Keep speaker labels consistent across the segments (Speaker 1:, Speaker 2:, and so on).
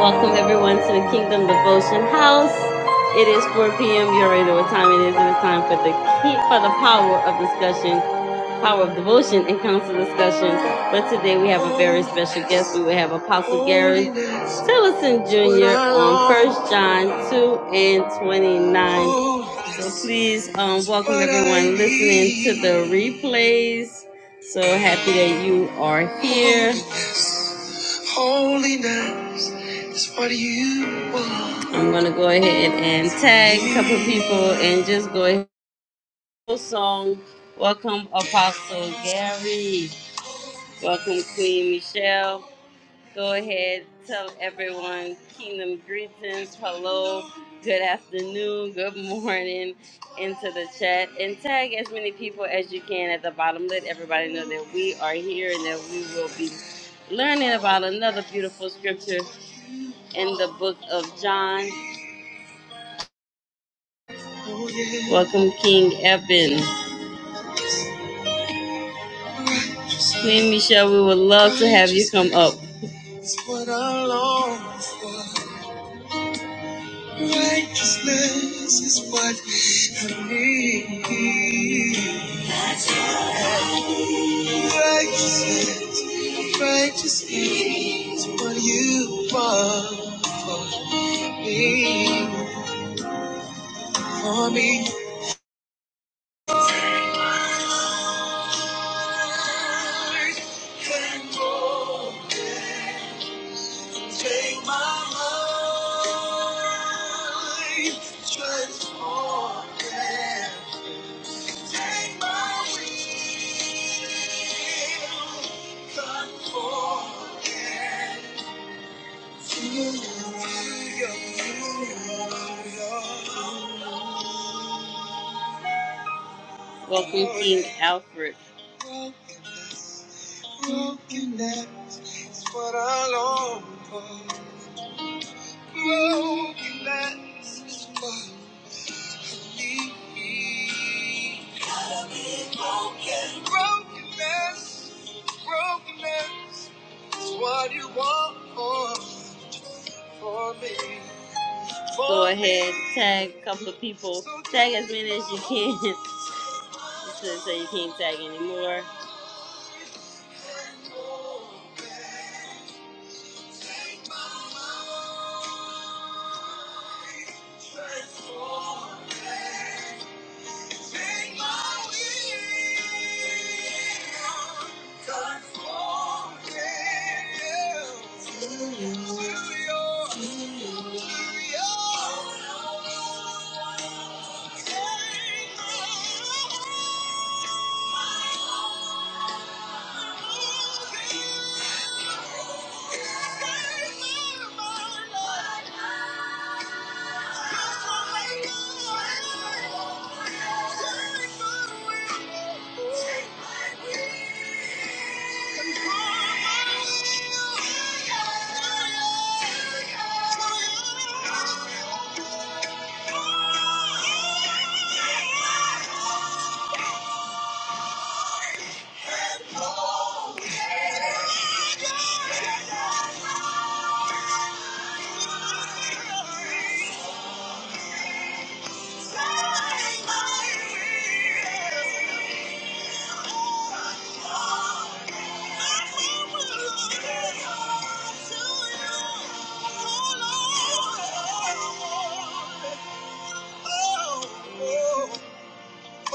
Speaker 1: Welcome everyone to the Kingdom Devotion House. It is 4 p.m. You already know what time it is. It is time for the key, for the power of discussion, power of devotion, and council discussion. But today we have a very special guest. We will have Apostle Gary Tillison Jr. on First John 2 and 29. So please um, welcome everyone listening to the replays. So happy that you are here. Holiness is what you want. I'm gonna go ahead and tag a couple people and just go ahead. Full Song. Welcome, Apostle Gary. Welcome, Queen Michelle. Go ahead, tell everyone kingdom greetings. Hello, good afternoon, good morning into the chat and tag as many people as you can at the bottom. Let everybody know that we are here and that we will be learning about another beautiful scripture in the book of John. Welcome, King Eben. Queen Michelle, we would love to have you come up. It's what I long for. Righteousness is what I need. Righteousness, righteousness is what you want for me. For me. Take my life, transform it. Take my will, conform it to your love. Welcome, King Alfred. Broken, brokenness is what I long for. Brokenness is what you need. me. Brokenness, brokenness is what you want for, for me. For Go ahead, me. tag a couple of people. So Tag as many as you can. Just so so you can't tag anymore. Take my mind, take my mind. Take my will, conform it to your- to your- Take my will. Thank you.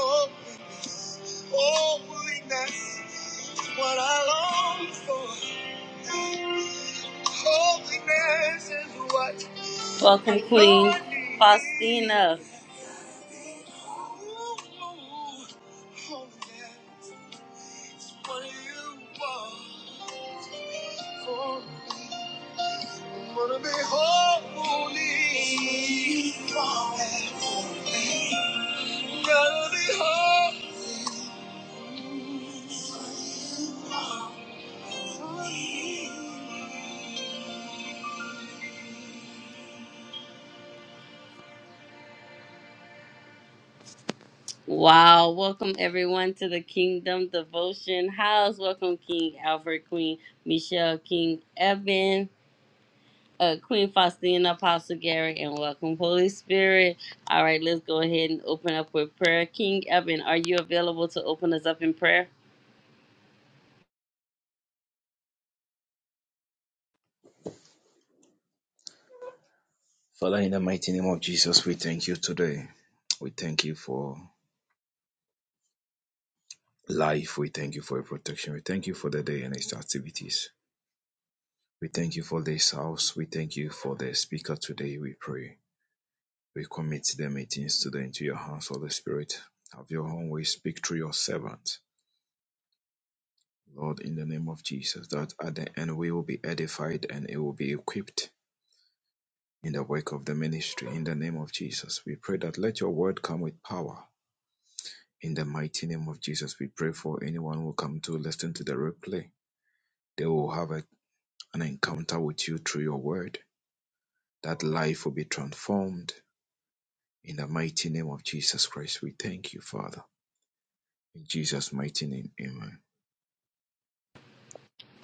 Speaker 1: Oh, holiness is what I long for. Holiness is what Welcome, Queen Faustina. Gotta be holy. Wow. Welcome everyone to the Kingdom Devotion House. Welcome King Albert, Queen Michelle, King Evan, uh, Queen Faustina, Apostle Gary, and welcome Holy Spirit. All right, let's go ahead and open up with prayer. King Evan, are you available to open us up in prayer?
Speaker 2: Father, in the mighty name of Jesus, we thank you today. We thank you for life. We thank you for your protection. We thank you for the day and its activities. We thank you for this house. We thank you for the speaker today. We pray. We commit the meetings today into your hands, Holy Spirit. Have your own way. Speak through your servant. Lord, in the name of Jesus, that at the end we will be edified and it will be equipped in the work of the ministry. In the name of Jesus, we pray that let your word come with power In the mighty name of Jesus, we pray for anyone who come to listen to the replay. They will have a- an encounter with you through your word. That life will be transformed. In the mighty name of Jesus Christ, we thank you, Father. In Jesus' mighty name, amen.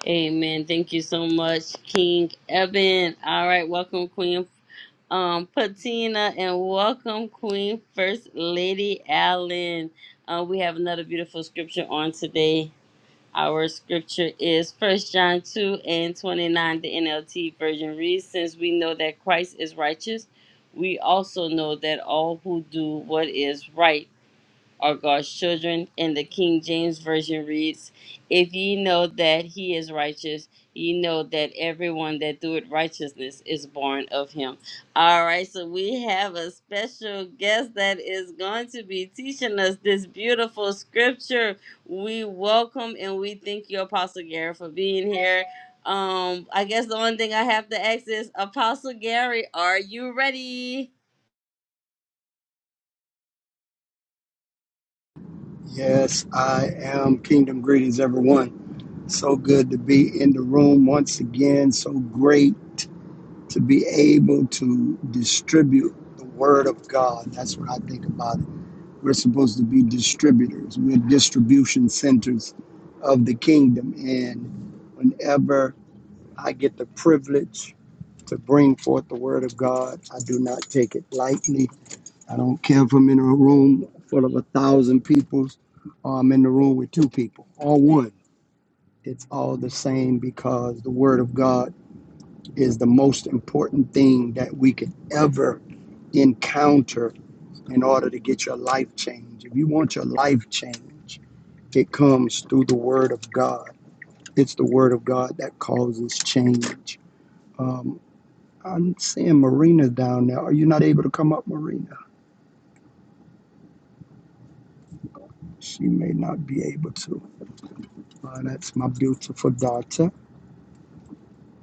Speaker 1: Amen. Thank you so much, King Evan. All right, welcome Queen um Patina and welcome Queen First Lady Allen. Uh, we have another beautiful scripture on today Our scripture is First John 2 and 29, the NLT version reads Since we know that Christ is righteous, we also know that all who do what is right are God's children. And the King James Version reads, If ye know that he is righteous, ye know that everyone that doeth righteousness is born of him. All right, so we have a special guest that is going to be teaching us this beautiful scripture. We welcome and we thank you, Apostle Gary, for being here. Um, I guess the only thing I have to ask is, Apostle Gary, are you ready?
Speaker 3: Yes, I am. Kingdom greetings, everyone. So good to be in the room once again. So great to be able to distribute the word of God. That's what I think about it. We're supposed to be distributors, we're distribution centers of the kingdom. And whenever I get the privilege to bring forth the word of God, I do not take it lightly I don't care if I'm in a room full of a thousand people or I'm in the room with two people or one. It's all the same because the Word of God is the most important thing that we could ever encounter in order to get your life change. If you want your life change, it comes through the Word of God. It's the Word of God that causes change. Um, I'm seeing Marina down there. Are you not able to come up, Marina? She may not be able to. Uh, that's my beautiful daughter.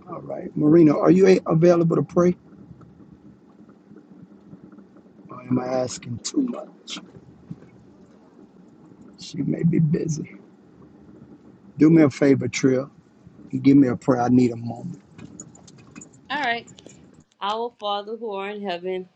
Speaker 3: All right. Marina, are you a- available to pray? Or am I asking too much? She may be busy. Do me a favor, Trill, and give me a prayer. I need a moment.
Speaker 1: All right. Our Father who art in heaven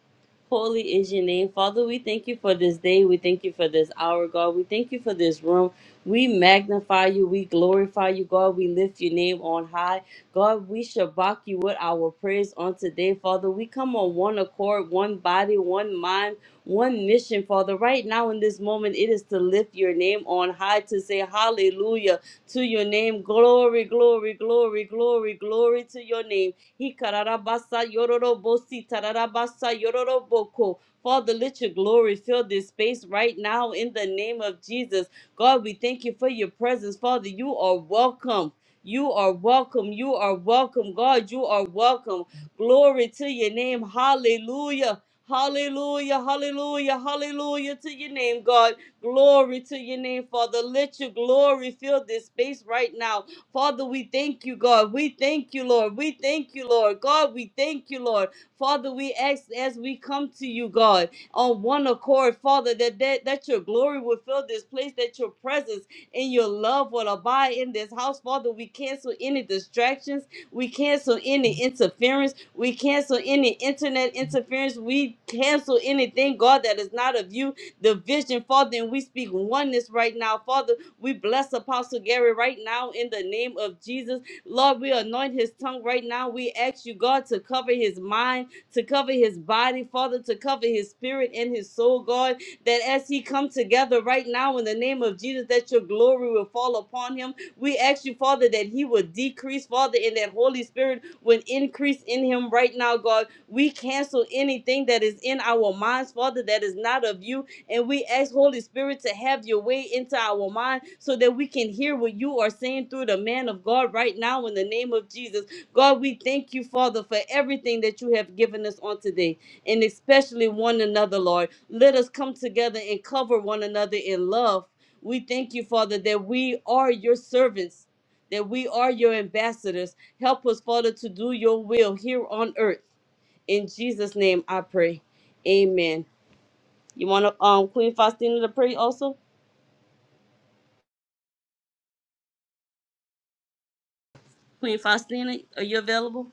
Speaker 1: Holy is your name. Father, we thank you for this day. We thank you for this hour, God. We thank you for this room. We magnify you. We glorify you, God. We lift your name on high. God, we shabak you with our praise on today, Father. We come on one accord, one body, one mind, one mission, Father. Right now in this moment, it is to lift your name on high, to say hallelujah to your name. Glory, glory, glory, glory, glory to your name. Hikararabasa yororobosi tararabasa yororoboko. Father, let your glory fill this space right now in the name of Jesus. God, we thank you for your presence. Father, you are welcome. You are welcome. You are welcome. God, you are welcome. Glory to your name. Hallelujah. Hallelujah. Hallelujah. Hallelujah to your name, God. Glory to your name, Father. Let your glory fill this space right now. Father, we thank you, God. We thank you, Lord. We thank you, Lord. God, we thank you, Lord. Father, we ask as we come to you, God, on one accord, Father, that, that, that your glory will fill this place, that your presence and your love will abide in this house. Father, we cancel any distractions. We cancel any interference. We cancel any internet interference. We cancel anything, God, that is not of you. The vision, Father, and we speak oneness right now, Father. We bless Apostle Gary right now in the name of Jesus. Lord, we anoint his tongue right now. We ask you, God, to cover his mind, to cover his body, Father, to cover his spirit and his soul, God, that as he come together right now in the name of Jesus, that your glory will fall upon him. We ask you, Father, that he will decrease, Father, and that Holy Spirit will increase in him right now, God. We cancel anything that is in our minds, Father, that is not of you and we ask Holy Spirit to have your way into our mind so that we can hear what you are saying through the man of God right now in the name of Jesus. God, we thank you, Father, for everything that you have given us on today and especially one another, Lord. Let us come together and cover one another in love. We thank you, Father, that we are your servants, that we are your ambassadors. Help us, Father, to do your will here on earth. In Jesus' name I pray. Amen. You want to, um, Queen Faustina to pray also? Queen Faustina, are you available?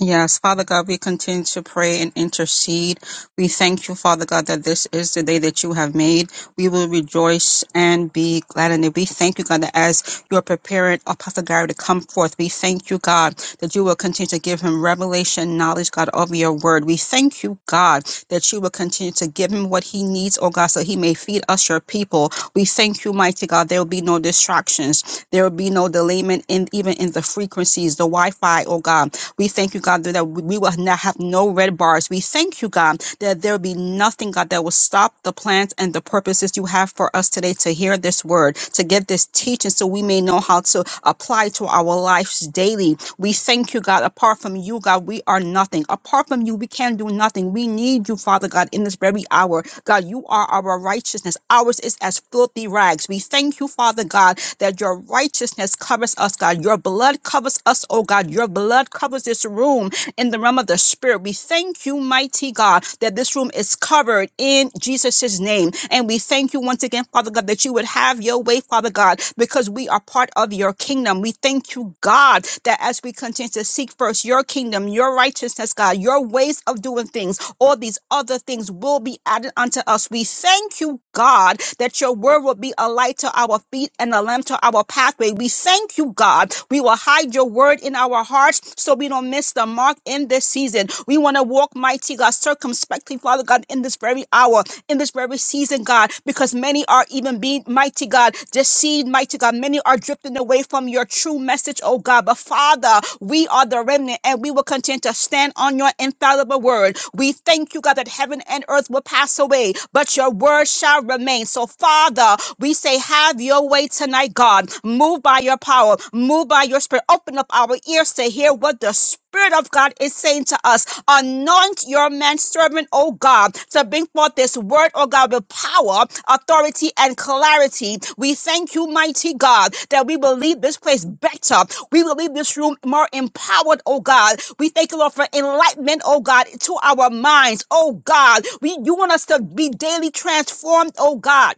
Speaker 4: Yes, Father God, we continue to pray and intercede. We thank you, Father God, that this is the day that you have made. We will rejoice and be glad in it. We thank you, God, that as you are preparing Apostle Gary to come forth, we thank you, God, that you will continue to give him revelation, knowledge, God, of your word. We thank you, God, that you will continue to give him what he needs, oh God, so he may feed us, your people. We thank you, mighty God. There will be no distractions. There will be no delayment in even in the frequencies, the Wi-Fi, oh God. We thank you, God, that we will not have no red bars. We thank you, God, that there will be nothing, God, that will stop the plans and the purposes you have for us today to hear this word, to get this teaching so we may know how to apply to our lives daily. We thank you, God. Apart from you, God, we are nothing. Apart from you, we can do nothing. We need you, Father God, in this very hour. God, you are our righteousness. Ours is as filthy rags. We thank you, Father God, that your righteousness covers us, God. Your blood covers us, oh God. Your blood covers this room in the realm of the spirit. We thank you, mighty God, that this room is covered in Jesus' name. And we thank you once again, Father God, that you would have your way, Father God, because we are part of your kingdom. We thank you, God, that as we continue to seek first your kingdom, your your righteousness, God, your ways of doing things, all these other things will be added unto us. We thank you, God, that your word will be a light to our feet and a lamp to our pathway. We thank you, God. We will hide your word in our hearts so we don't miss the mark in this season. We want to walk mighty, God, circumspectly, Father God, in this very hour, in this very season, God, because many are even being mighty mighty God, deceived, mighty God. Many are drifting away from your true message, oh God. But Father, we are the remnant and we will continue to stand on your infallible word. We thank you, God, that heaven and earth will pass away, but your word shall remain. So, Father, we say, have your way tonight, God. Move by your power, move by your spirit. Open up our ears to hear what the Spirit of God is saying to us Anoint your man servant, oh God, to bring forth this word, oh God, with power, authority, and clarity. We thank you, mighty God, that we will leave this place better. We will leave this room more empowered, oh God. We thank you, Lord, for enlightenment, oh God, to our minds, oh God. We you want us to be daily transformed, oh God.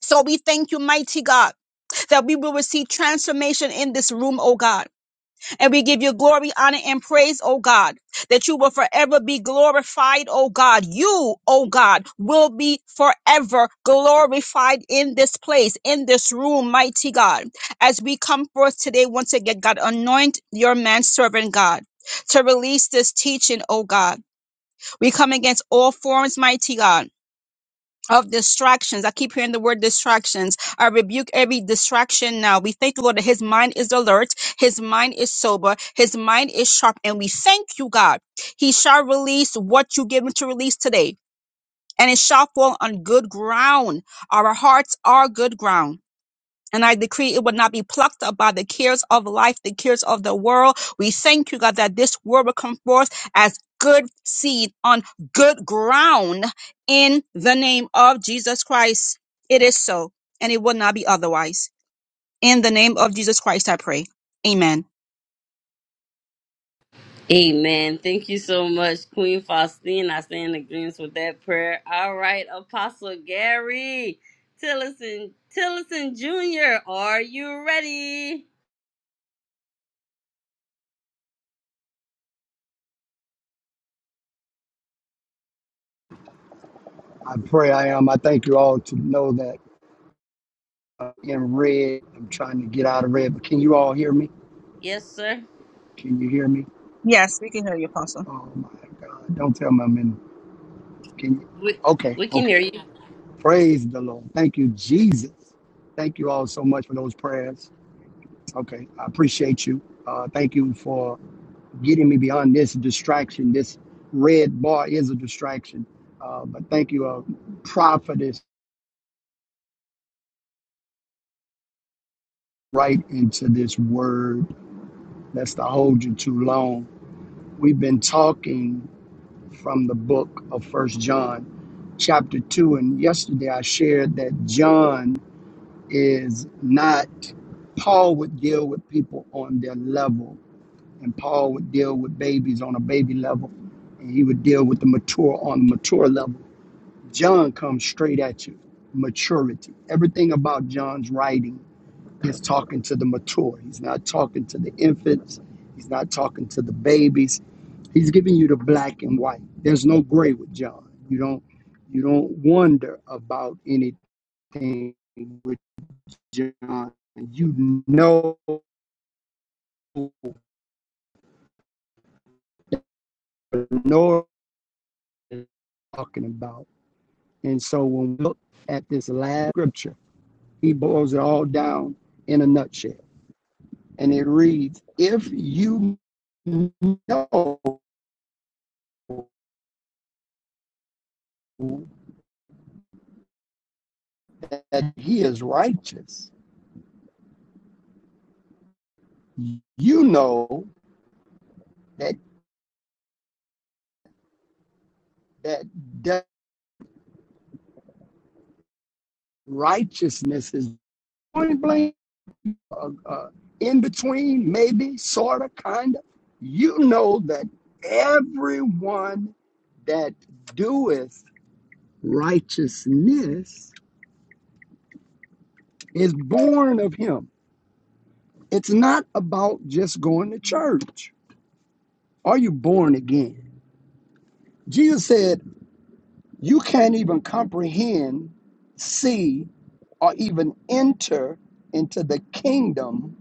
Speaker 4: So we thank you, mighty God, that we will receive transformation in this room, oh God. And we give you glory, honor, and praise, oh God, that you will forever be glorified, oh God. You, oh God, will be forever glorified in this place, in this room, mighty God. As we come forth today, once again, God, anoint your manservant, God, to release this teaching, oh God. We come against all forms, mighty God of distractions. I keep hearing the word distractions. I rebuke every distraction now. We thank you, Lord, that his mind is alert, his mind is sober, his mind is sharp, and we thank you, God. He shall release what you give him to release today, and it shall fall on good ground. Our hearts are good ground. And I decree it will not be plucked up by the cares of life, the cares of the world. We thank you, God, that this word will come forth as good seed on good ground in the name of Jesus Christ. It is so, and it will not be otherwise. In the name of Jesus Christ, I pray. Amen.
Speaker 1: Amen. Thank you so much, Queen Faustina. I stand in agreement with that prayer. All right, Apostle Gary Tillison, Tillison Jr., are you ready?
Speaker 3: I pray I am. I thank you all to know that uh, in red, I'm trying to get out of red, but can you all hear me?
Speaker 1: Yes, sir.
Speaker 3: Can you hear me?
Speaker 4: Yes, we can hear you, Apostle.
Speaker 3: Oh my God. Don't tell me I'm in. Can you?
Speaker 1: We,
Speaker 3: Okay.
Speaker 1: we can hear
Speaker 3: Okay.
Speaker 1: you.
Speaker 3: Praise the Lord. Thank you, Jesus. Thank you all so much for those prayers. Okay. I appreciate you. Uh, thank you for getting me beyond this distraction. This red bar is a distraction. Uh, but thank you, uh, prophetess, right into this word. That's to hold you too long. We've been talking from the book of First John, chapter two, and yesterday I shared that John is not. Paul would deal with people on their level, and Paul would deal with babies on a baby level, and he would deal with the mature on the mature level John comes straight at you. Maturity. Everything about John's writing is talking to the mature. He's not talking to the infants. He's not talking to the babies. He's giving you the black and white. There's no gray with John. You don't you don't wonder about anything with John. You know what I'm talking about. And so when we look at this last scripture, he boils it all down in a nutshell. and it reads, If you know that he is righteous, you know that that, that righteousness is point blank, uh, uh, in between, maybe, sort of, kind of. You know that everyone that doeth righteousness is born of him. It's not about just going to church. Are you born again? Jesus said, You can't even comprehend, see, or even enter into the kingdom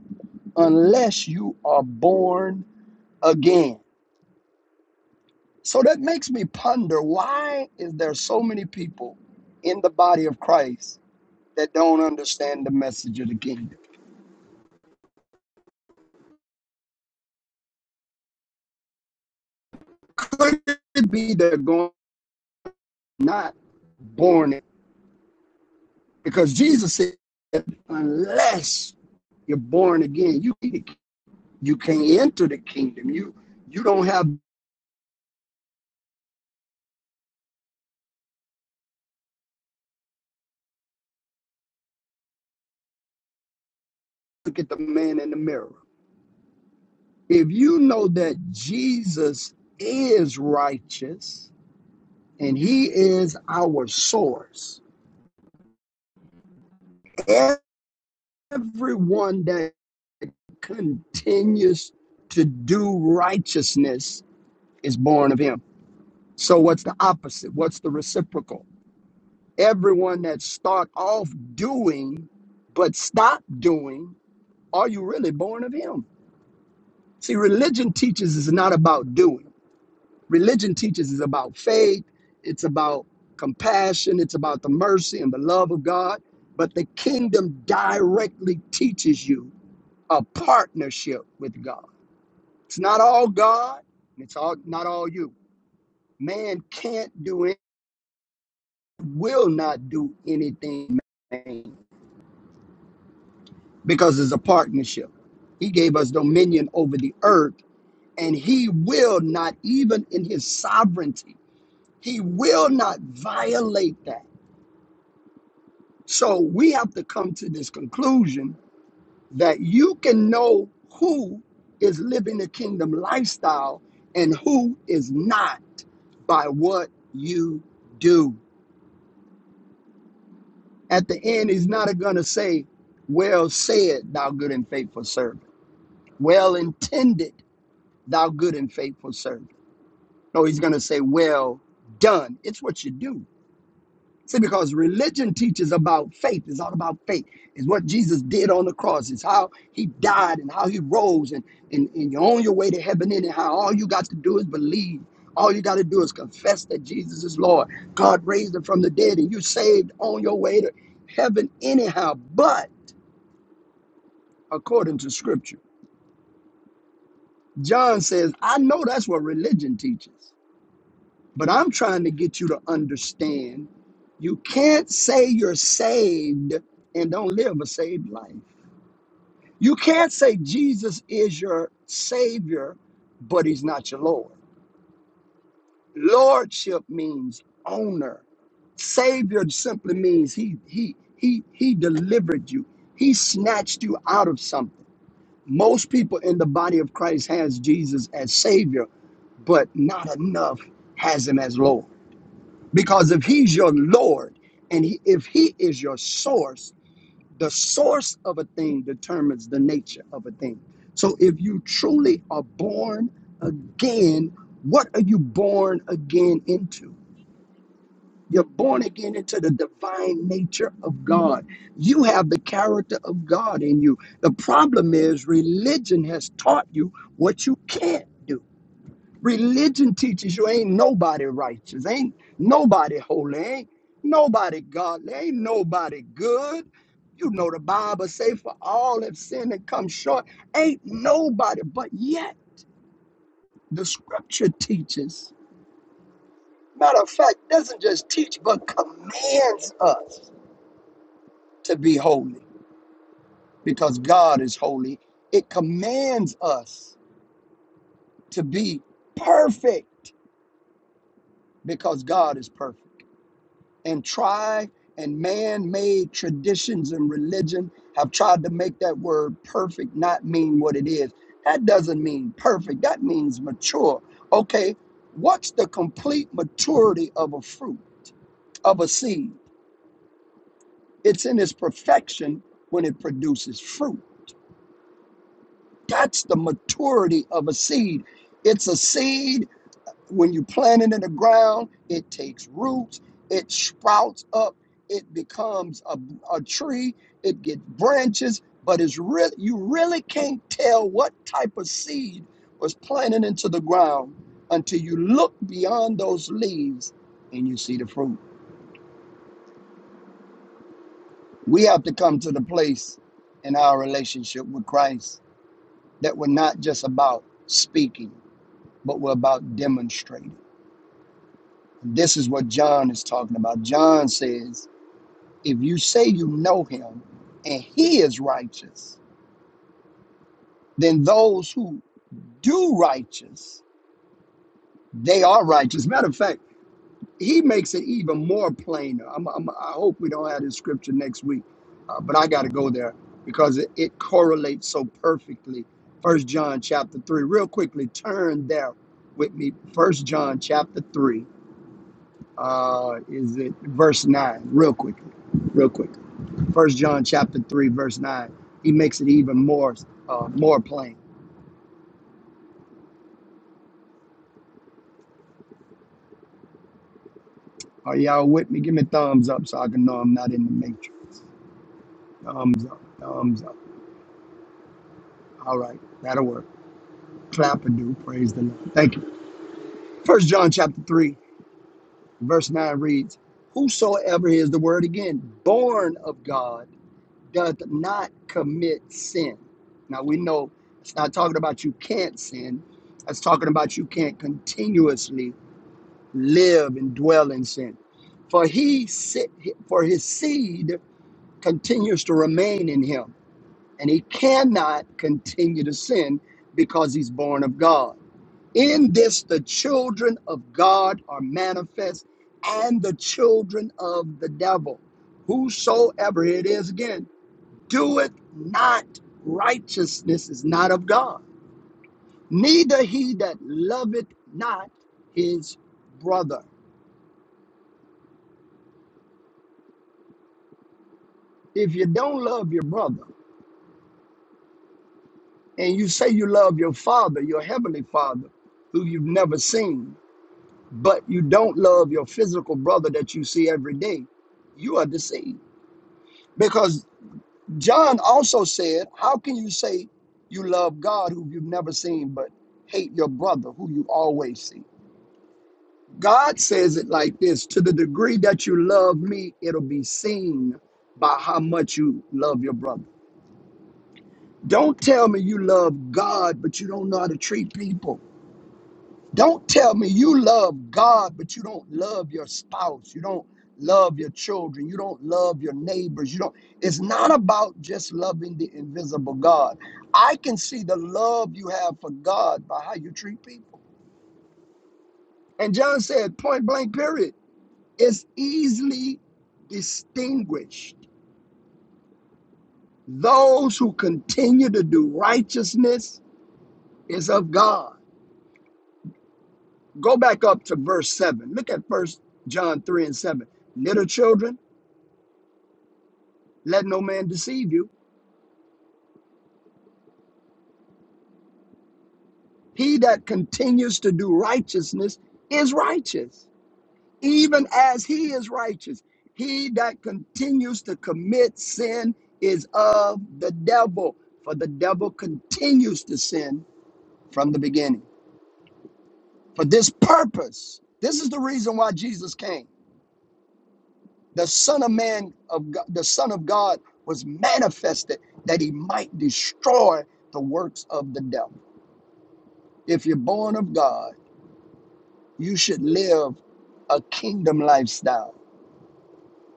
Speaker 3: unless you are born again. So that makes me ponder why is there so many people in the body of Christ that don't understand the message of the kingdom? Could it be they're going not born? again? Because Jesus said, unless you're born again, you You can't enter the kingdom. You you don't have to look at the man in the mirror. If you know that Jesus is righteous and he is our source, everyone that continues to do righteousness is born of him. So what's the opposite? What's the reciprocal? Everyone that start off doing but stop doing, are you really born of him? See, religion teaches is not about doing. Religion teaches is about faith, it's about compassion, it's about the mercy and the love of God. But the kingdom directly teaches you a partnership with God. It's not all God, and it's all not all you. Man can't do it, will not do anything man, because it's a partnership. He gave us dominion over the earth, and he will not, even in his sovereignty He will not violate that. So we have to come to this conclusion that you can know who is living the kingdom lifestyle and who is not by what you do. At the end, he's not going to say, Well said, thou good and faithful servant. Well intended, thou good and faithful servant. No, he's going to say, Well done. It's what you do. See, because religion teaches about faith. It's all about faith. It's what Jesus did on the cross. It's how he died and how he rose. And, and, and you're on your way to heaven anyhow. all you got to do is believe. All you got to do is confess that Jesus is Lord. God raised him from the dead and you saved on your way to heaven anyhow. But according to scripture, John says, I know that's what religion teaches. But I'm trying to get you to understand you can't say you're saved and don't live a saved life. You can't say Jesus is your Savior, but He's not your Lord. Lordship means owner. Savior simply means He He He He delivered you. He snatched you out of something. Most people in the body of Christ has Jesus as Savior, but not enough has Him as Lord. Because if he's your Lord and he, if he is your source, the source of a thing determines the nature of a thing. So if you truly are born again, what are you born again into? You're born again into the divine nature of God. You have the character of God in you. The problem is, religion has taught you what you can't do. Religion teaches you ain't nobody righteous, ain't nobody holy, ain't nobody godly, ain't nobody good. You know the Bible say for all have sinned and come short. Ain't nobody, but yet the scripture teaches. Matter of fact, doesn't just teach, but commands us to be holy because God is holy. It commands us to be perfect because God is perfect. and tribe and man made traditions and religion have tried to make that word perfect not mean what it is. That doesn't mean perfect, that means mature. Okay, what's the complete maturity of a fruit, of a seed? It's in its perfection when it produces fruit. That's the maturity of a seed. It's a seed When you plant it in the ground, it takes roots, it sprouts up, it becomes a, a tree, it gets branches, but it's real you really can't tell what type of seed was planted into the ground until you look beyond those leaves and you see the fruit. We have to come to the place in our relationship with Christ that we're not just about speaking, but we're about demonstrating. This is what John is talking about. John says, If you say you know him and he is righteous, then those who do righteous, they are righteous. Matter of fact, he makes it even more plainer. I'm, I'm, I hope we don't have this scripture next week, uh, but I got to go there because it, it correlates so perfectly. First John chapter three, real quickly, turn there with me. First John chapter three, uh, is it verse nine? Real quickly, real quick. First John chapter three verse nine. He makes it even more uh, more plain. Are y'all with me? Give me a thumbs up so I can know I'm not in the matrix. Thumbs up, thumbs up. All right, that'll work. Clap and do praise the Lord. Thank you. First John chapter three verse nine reads, "Whosoever is the word again, born of God, doth not commit sin." Now we know it's not talking about you can't sin. It's talking about you can't continuously live and dwell in sin. For he sit, for his seed continues to remain in him, and he cannot continue to sin because he's born of God. In this the children of God are manifest and the children of the devil. Whosoever it is again doeth not righteousness is not of God. Neither he that loveth not his brother. if you don't love your brother and you say you love your father, your heavenly father, who you've never seen, but you don't love your physical brother that you see every day, you are deceived. Because John also said, How can you say you love God who you've never seen, but hate your brother who you always see? God says it like this to the degree that you love me, it'll be seen by how much you love your brother. Don't tell me you love God, but you don't know how to treat people. Don't tell me you love God, but you don't love your spouse. You don't love your children. You don't love your neighbors. You don't. It's not about just loving the invisible God. I can see the love you have for God by how you treat people. And John said, point blank, period, it's easily distinguished. Those who continue to do righteousness is of God Go back up to verse 7. Look at first John 3 and 7. Little children, let no man deceive you. He that continues to do righteousness is righteous, even as he is righteous. He that continues to commit sin is of the devil, for the devil continues to sin from the beginning. For this purpose, this is the reason why Jesus came the son of man of god, the son of god was manifested that he might destroy the works of the devil if you're born of god you should live a kingdom lifestyle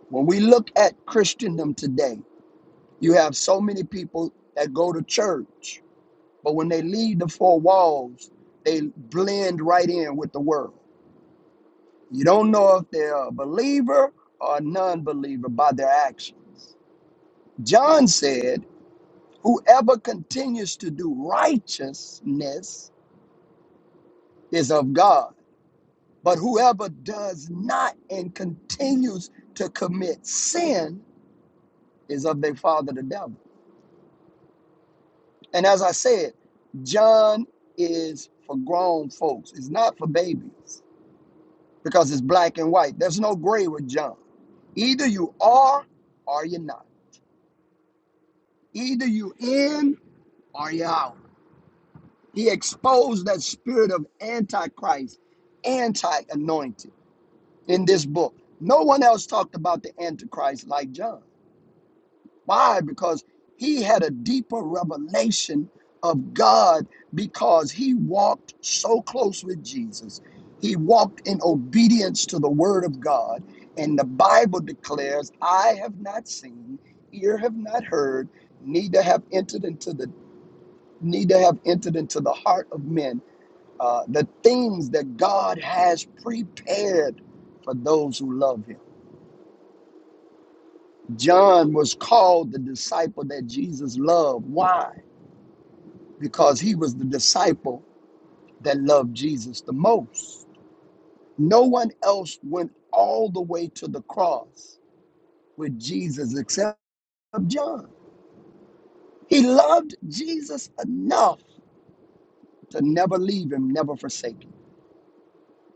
Speaker 3: when we look at christendom today you have so many people that go to church but when they leave the four walls they blend right in with the world you don't know if they're a believer or a non-believer by their actions john said Whoever continues to do righteousness is of God, but whoever does not and continues to commit sin is of their father, the devil. And as I said, John is for grown folks, it's not for babies because it's black and white. There's no gray with John. Either you are or you're not, either you in or you're out. He exposed that spirit of antichrist, anti anointing in this book. No one else talked about the Antichrist like John. Why? Because he had a deeper revelation of God because he walked so close with Jesus. He walked in obedience to the word of God. And the Bible declares, I have not seen, ear have not heard, neither have entered into the neither have entered into the heart of men uh, the things that God has prepared for those who love him. John was called the disciple that Jesus loved. Why? Because he was the disciple that loved Jesus the most. No one else went all the way to the cross with Jesus except John. He loved Jesus enough to never leave him, never forsake him.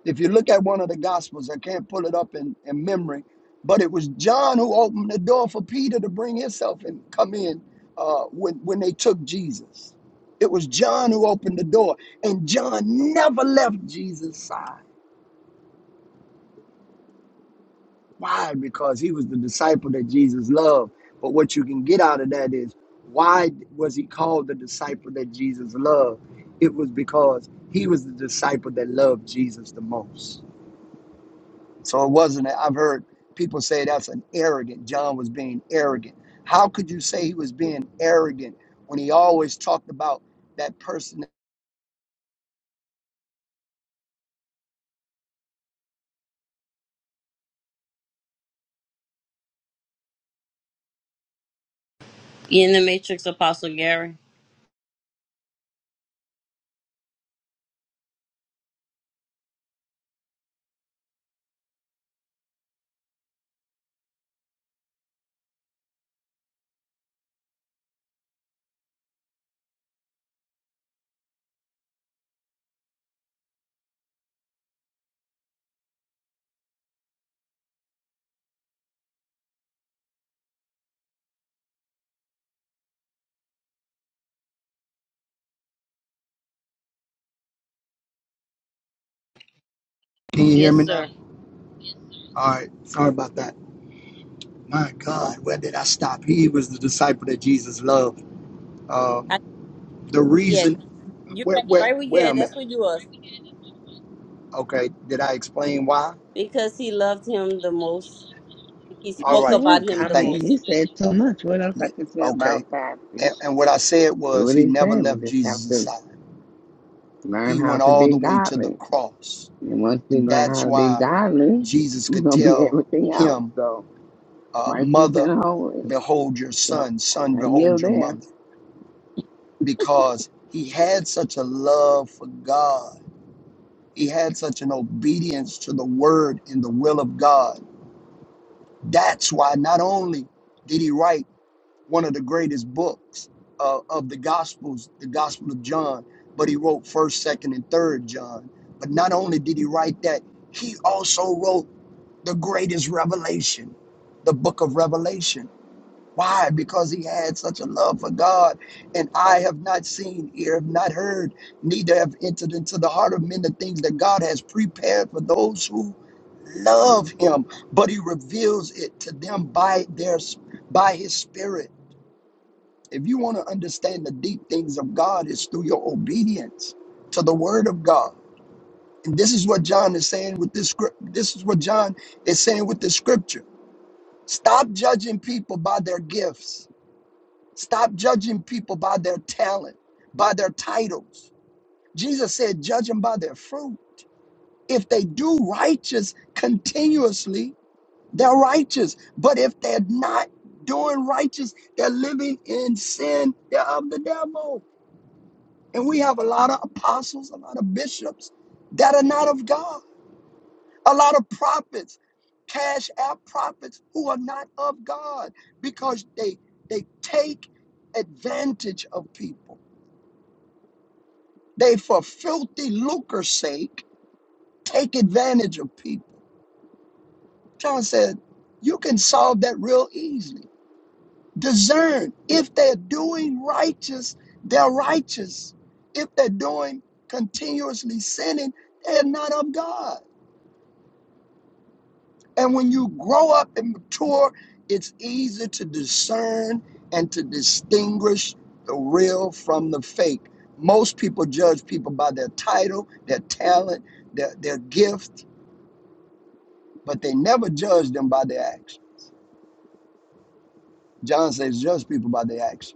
Speaker 3: If you look at one of the Gospels, I can't pull it up in, in memory, but it was John who opened the door for Peter to bring himself and come in uh, when, when they took Jesus. It was John who opened the door, and John never left Jesus' side. Why? Because he was the disciple that Jesus loved. But what you can get out of that is why was he called the disciple that Jesus loved? It was because he was the disciple that loved Jesus the most So it wasn't, I've heard people say that's an arrogant. John was being arrogant. How could you say he was being arrogant when he always talked about that person?
Speaker 1: You in the Matrix, Apostle Gary?
Speaker 3: Can you hear
Speaker 1: Yes,
Speaker 3: me
Speaker 1: sir.
Speaker 3: now? All right. Sorry about that. My God, where did I stop? He was the disciple that Jesus loved.
Speaker 1: I,
Speaker 3: Um, the
Speaker 1: yeah,
Speaker 3: reason,
Speaker 1: you're
Speaker 3: where,
Speaker 1: right,
Speaker 3: where,
Speaker 1: right where you
Speaker 3: where
Speaker 1: at.
Speaker 3: am I?
Speaker 1: That's where you was.
Speaker 3: Okay. Did I explain why?
Speaker 1: Because he loved him the most. He
Speaker 3: All
Speaker 1: spoke
Speaker 3: right.
Speaker 5: Yeah,
Speaker 1: about
Speaker 3: Okay.
Speaker 1: him
Speaker 5: I
Speaker 1: the
Speaker 3: Thank
Speaker 5: mean,
Speaker 3: you.
Speaker 1: most.
Speaker 5: he said too much. What else I
Speaker 3: Yeah,
Speaker 5: can say
Speaker 3: okay.
Speaker 5: about that?
Speaker 3: And,
Speaker 5: Just
Speaker 3: and what I said
Speaker 5: do
Speaker 3: was
Speaker 5: what
Speaker 3: he
Speaker 5: he
Speaker 3: never
Speaker 5: said. We
Speaker 3: left
Speaker 5: just have
Speaker 3: Jesus'
Speaker 5: to
Speaker 3: side.
Speaker 5: learn
Speaker 3: He
Speaker 5: how
Speaker 3: went
Speaker 5: to
Speaker 3: all
Speaker 5: be
Speaker 3: the way to the
Speaker 5: godly.
Speaker 3: cross
Speaker 5: And once we
Speaker 3: And
Speaker 5: learn how
Speaker 3: that's
Speaker 5: to be
Speaker 3: why
Speaker 5: godly,
Speaker 3: Jesus
Speaker 5: we're
Speaker 3: could
Speaker 5: going to be
Speaker 3: tell
Speaker 5: everything else.
Speaker 3: him,
Speaker 5: So,
Speaker 3: uh,
Speaker 5: righteous
Speaker 3: Mother,
Speaker 5: and holy.
Speaker 3: behold your
Speaker 5: So,
Speaker 3: son, son,
Speaker 5: I
Speaker 3: behold
Speaker 5: yield
Speaker 3: your
Speaker 5: there.
Speaker 3: mother, because he had such a love for God. He had such an obedience to the word and the will of God. That's why not only did he write one of the greatest books uh, of the Gospels, the Gospel of John, but he wrote 1st, 2nd, and 3rd John. But not only did he write that, he also wrote the greatest revelation, the book of Revelation. Why? Because he had such a love for God, and I have not seen, ear have not heard, neither have entered into the heart of men the things that God has prepared for those who love him. But he reveals it to them by their by his spirit. If you want to understand the deep things of God, it's through your obedience to the word of God. And this is what John is saying with this script. This is what John is saying with this scripture Stop judging people by their gifts. Stop judging people by their talent, by their titles. Jesus said, judge them by their fruit. If they do righteous continuously, they're righteous. But if they're not doing righteous, they're living in sin, they're of the devil. And we have a lot of apostles, a lot of bishops that are not of God. A lot of prophets, cash app prophets who are not of God because they they take advantage of people. They for filthy lucre's sake take advantage of people. John said, you can solve that real easily. Discern if they're doing righteous, they're righteous. If they're doing continuously sinning, they're not of God. And when you grow up and mature, it's easier to discern and to distinguish the real from the fake. Most people judge people by their title, their talent, their, their gift, but they never judge them by their acts. John says, judge people by their acts,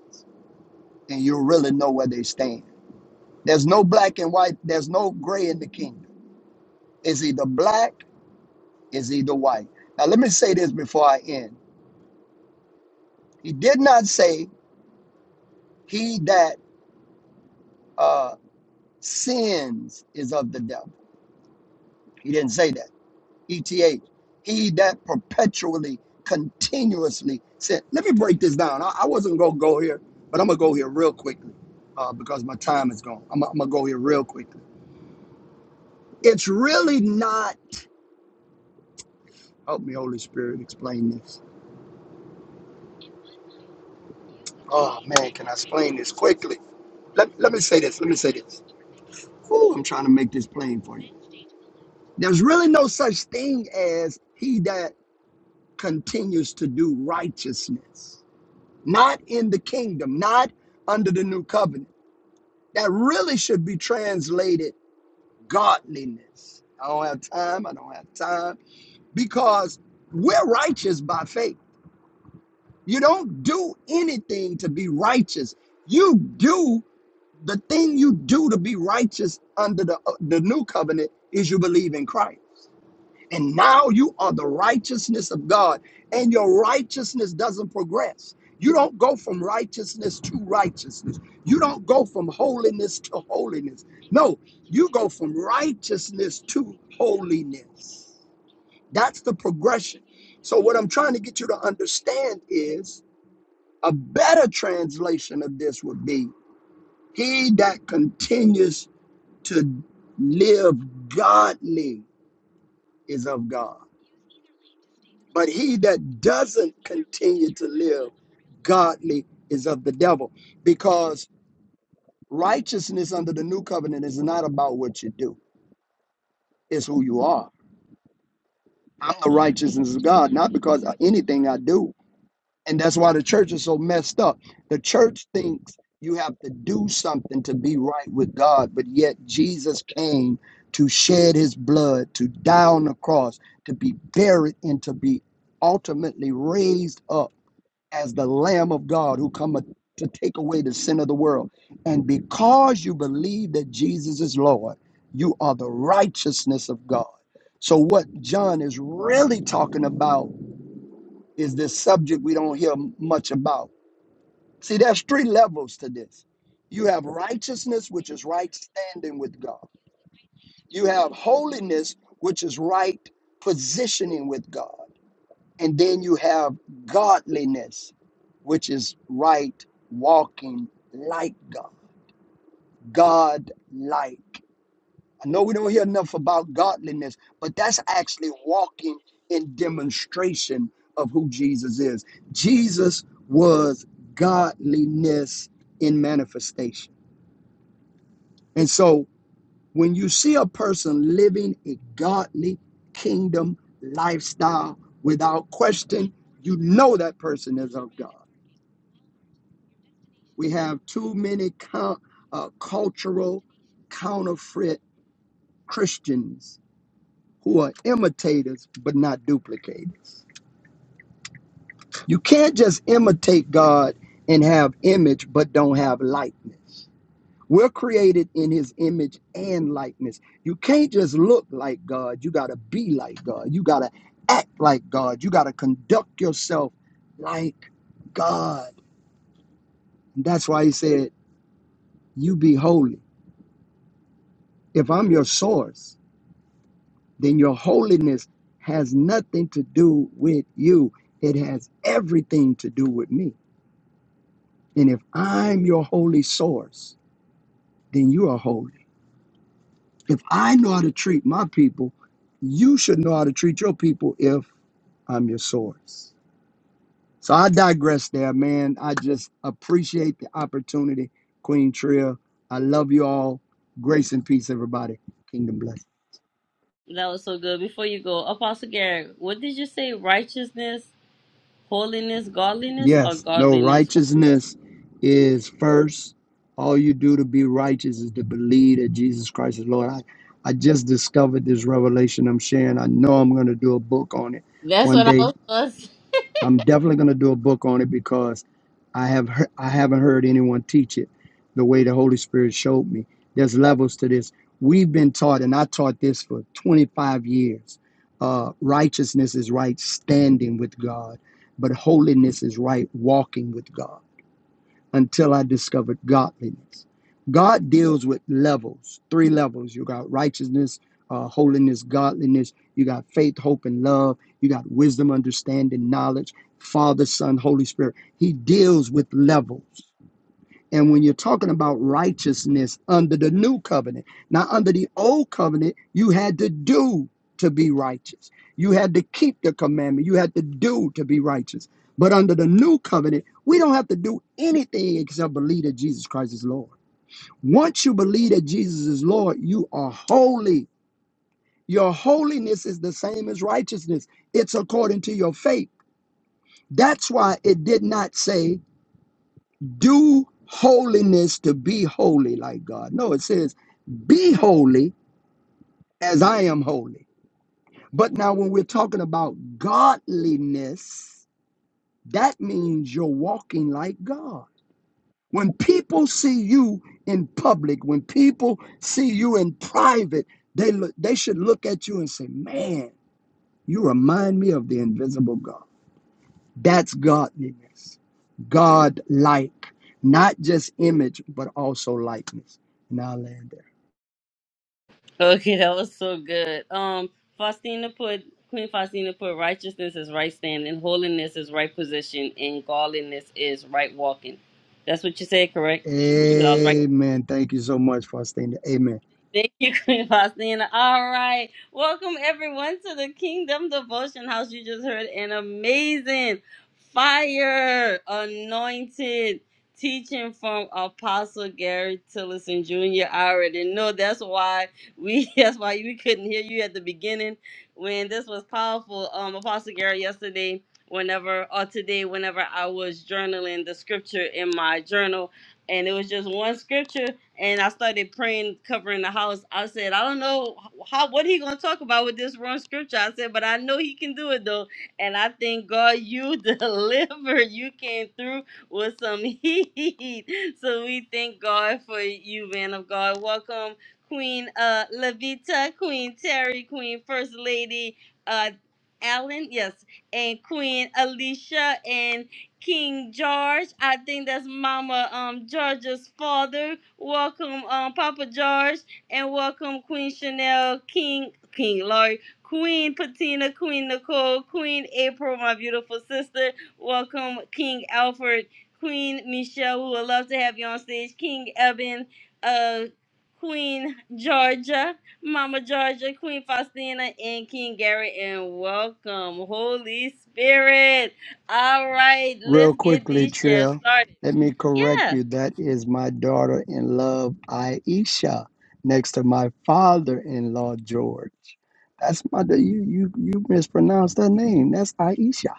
Speaker 3: and you'll really know where they stand. There's no black and white, there's no gray in the kingdom. It's either black, it's either white. Now, let me say this before I end. He did not say, he that uh, Sins is of the devil. He didn't say that. ETH. He that perpetually, continuously sin. Let me break this down. I, I wasn't going to go here, but I'm going to go here real quickly uh, because my time is gone. I'm, I'm going to go here real quickly. It's really not. Help me, Holy Spirit, explain this. Oh, man, can I explain this quickly? Let, let me say this. Let me say this. Ooh, I'm trying to make this plain for you. There's really no such thing as he that continues to do righteousness. not in the kingdom, not under the new covenant. That really should be translated godliness. I don't have time. I don't have time because we're righteous by faith. You don't do anything to be righteous. You do the thing you do to be righteous under the, uh, the new covenant is you believe in Christ. And now you are the righteousness of God, and your righteousness doesn't progress. You don't go from righteousness to righteousness. You don't go from holiness to holiness. No, you go from righteousness to holiness. That's the progression. So, what I'm trying to get you to understand is a better translation of this would be He that continues to live godly is of God. But he that doesn't continue to live godly is of the devil because righteousness under the new covenant is not about what you do, it's who you are. I'm the righteousness of God, not because of anything I do. And that's why the church is so messed up. The church thinks you have to do something to be right with God, but yet Jesus came to shed his blood, to die on the cross, to be buried, and to be ultimately raised up as the Lamb of God who cometh to take away the sin of the world. And because you believe that Jesus is Lord, you are the righteousness of God. So, what John is really talking about is this subject we don't hear much about. See, there's three levels to this you have righteousness, which is right standing with God, you have holiness, which is right positioning with God and then you have godliness, which is right walking like God. God like. I know we don't hear enough about godliness, but that's actually walking in demonstration of who Jesus is. Jesus was godliness in manifestation. And so when you see a person living a godly kingdom lifestyle without question, you know that person is of God. We have too many cul- uh, cultural counterfeit Christians who are imitators but not duplicators. You can't just imitate God and have image but don't have likeness. We're created in his image and likeness. You can't just look like God. You got to be like God. You got to act like God. You got to conduct yourself like God. That's why he said, You be holy. If I'm your source, then your holiness has nothing to do with you. It has everything to do with me. And if I'm your holy source, then you are holy. If I know how to treat my people, you should know how to treat your people if I'm your source. So I digress there, man. I just appreciate the opportunity, Queen Tria. I love you all. Grace and peace, everybody. Kingdom bless.
Speaker 1: That was so good. Before you go, Apostle Gary, what did you say? Righteousness, holiness, godliness, or
Speaker 3: Yes, no,
Speaker 1: godliness? hol-
Speaker 3: righteousness is first. All you do to be righteous is to believe that Jesus Christ is Lord. I, I just discovered this revelation I'm sharing. I know I'm going to do a book on it
Speaker 1: That's
Speaker 3: one
Speaker 1: what I
Speaker 3: day.
Speaker 1: was gonna say.
Speaker 3: I'm definitely going to do a book on it because I have heard, I haven't heard anyone teach it the way the Holy Spirit showed me. There's levels to this. We've been taught, and I taught this for 25 years. Uh, righteousness is right standing with God, but holiness is right walking with God until I discovered godliness. God deals with levels, three levels. You got righteousness, uh, holiness, godliness. You got faith, hope, and love. You got wisdom, understanding, knowledge, Father, Son, Holy Spirit. He deals with levels. And when you're talking about righteousness under the new covenant, now under the old covenant, you had to do to be righteous. You had to keep the commandment. You had to do to be righteous. But under the new covenant, we don't have to do anything except believe that Jesus Christ is Lord. Once you believe that Jesus is Lord, you are holy. Your holiness is the same as righteousness, it's according to your faith. That's why it did not say do holiness to be holy like God. No, it says, be holy as I am holy. But now, when we're talking about godliness, that means you're walking like God. When people see you in public, when people see you in private, they look, they should look at you and say, "Man, you remind me of the invisible God." That's godliness. God like, not just image, but also likeness. And I'll land there.
Speaker 1: Okay, that was so good. Um, Faustina put Queen Faustina put righteousness is right standing, holiness is right position, and godliness is right walking. That's what you said, correct? 'Cause I was right.
Speaker 3: Amen. Thank you so much, for staying. There. Amen.
Speaker 1: Thank you, Queen Faustina. All right. Welcome, everyone, to the Kingdom Devotion House. You just heard an amazing fire anointed teaching from Apostle Gary Tillison Jr. I already know that's why we that's why we couldn't hear you at the beginning when this was powerful. Um Apostle Gary yesterday, whenever or today, whenever I was journaling the scripture in my journal and it was just one scripture and i started praying covering the house i said i don't know how what he gonna talk about with this one scripture i said but i know he can do it though and i thank god you deliver you came through with some heat so we thank god for you man of god welcome queen uh levita queen terry queen first lady uh Allen, yes, and Queen Alicia and. King George. I think that's Mama um Georgia's father. Welcome um Papa George and welcome Queen Chanel, King King Laurie, Queen Patina, Queen Nicole, Queen April, my beautiful sister. Welcome King Alfred, Queen Michelle. We would love to have you on stage. King Eben, uh Queen Georgia, Mama Georgia, Queen Faustina, and King Gary, and welcome, Holy Spirit. All right,
Speaker 3: Real
Speaker 1: let's get
Speaker 3: quickly,
Speaker 1: these shares
Speaker 3: Trill,
Speaker 1: started.
Speaker 3: let me correct
Speaker 1: Yeah.
Speaker 3: you. That is my daughter in law Aisha, next to my father in law, George. That's my da- you you you mispronounced that name. That's Aisha.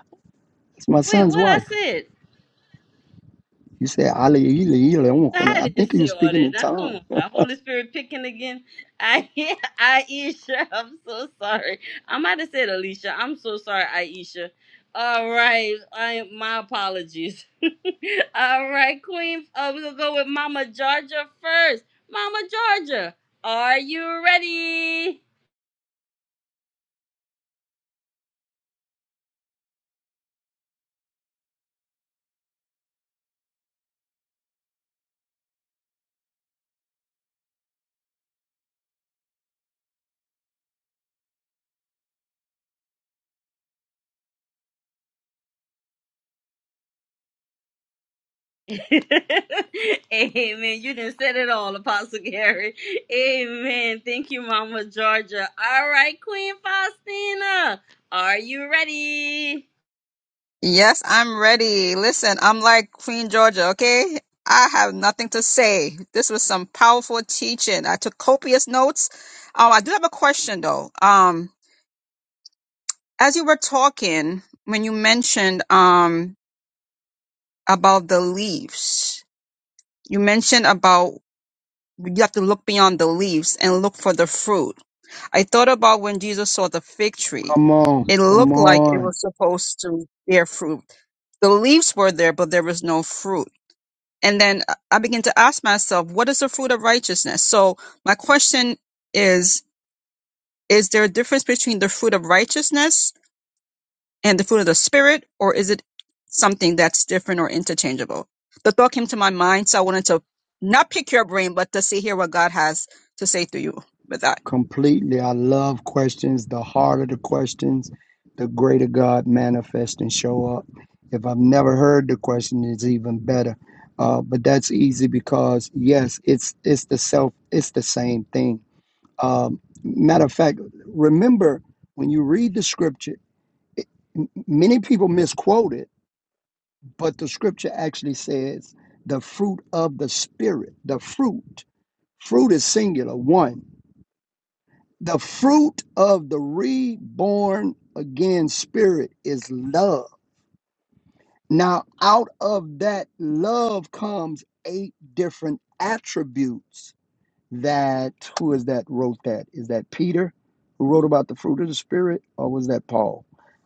Speaker 3: That's my
Speaker 1: Wait,
Speaker 3: son's
Speaker 1: what I
Speaker 3: wife.
Speaker 1: said?
Speaker 3: You said Ali
Speaker 1: I
Speaker 3: I
Speaker 1: didn't
Speaker 3: think you were
Speaker 1: say all
Speaker 3: speaking
Speaker 1: that.
Speaker 3: in
Speaker 1: Now
Speaker 3: tongues.
Speaker 1: come on, now. Holy Spirit picking again. I Aisha, I'm so sorry. I might have said Alicia. I'm so sorry, Aisha. All right, I my apologies. all right, Queen. Uh, we're gonna go with Mama Georgia first. Mama Georgia, are you ready? Amen. You didn't said it all, Apostle Gary. Amen. Thank you, Mama Georgia. All right, Queen Faustina, are you ready?
Speaker 4: Yes, I'm ready. Listen, I'm like Queen Georgia, okay? I have nothing to say. This was some powerful teaching. I took copious notes. Um, I do have a question though. Um, as you were talking, when you mentioned um about the leaves, you mentioned about you have to look beyond the leaves and look for the fruit. I thought about when Jesus saw the fig tree.
Speaker 3: Come on,
Speaker 4: It
Speaker 3: come
Speaker 4: looked like it
Speaker 3: on.
Speaker 4: was supposed to bear fruit. The leaves were there, but there was no fruit. And then I begin to ask myself, what is the fruit of righteousness? So my question is, is there a difference between the fruit of righteousness and the fruit of the spirit, or is it something that's different or interchangeable? The thought came to my mind, so I wanted to not pick your brain, but to see here what God has to say through you with that.
Speaker 3: Completely. I love questions. The harder the questions, the greater God manifests and show up. If I've never heard the question, it's even better. Uh, but that's easy because yes, it's it's the self, it's the same thing. Um, matter of fact, remember when you read the scripture, m- many people misquote it, but the scripture actually says the fruit of the spirit, the fruit. Fruit is singular, one The fruit of the reborn again spirit is love. Now, out of that love comes eight different attributes that, who is that wrote that? Is that Peter who wrote about the fruit of the spirit, or was that Paul?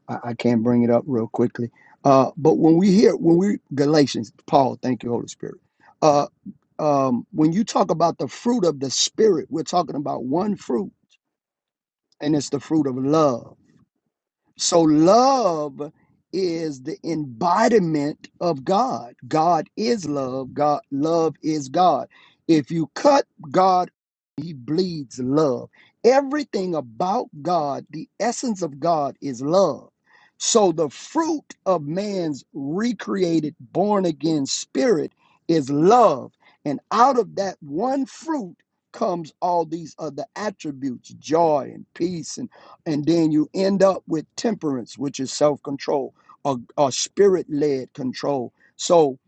Speaker 3: I, I can't bring it up real quickly. Uh, but when we hear, when we, Galatians, Paul, thank you, Holy Spirit. Uh, um, when you talk about the fruit of the spirit, we're talking about one fruit, and it's the fruit of love. So love is the embodiment of God. God is love. God love is God. If you cut God, he bleeds love. Everything about God, the essence of God is love. So the fruit of man's recreated born again spirit is love. And out of that one fruit comes all these other attributes, joy and peace and and then you end up with temperance, which is self control or, or spirit led control. So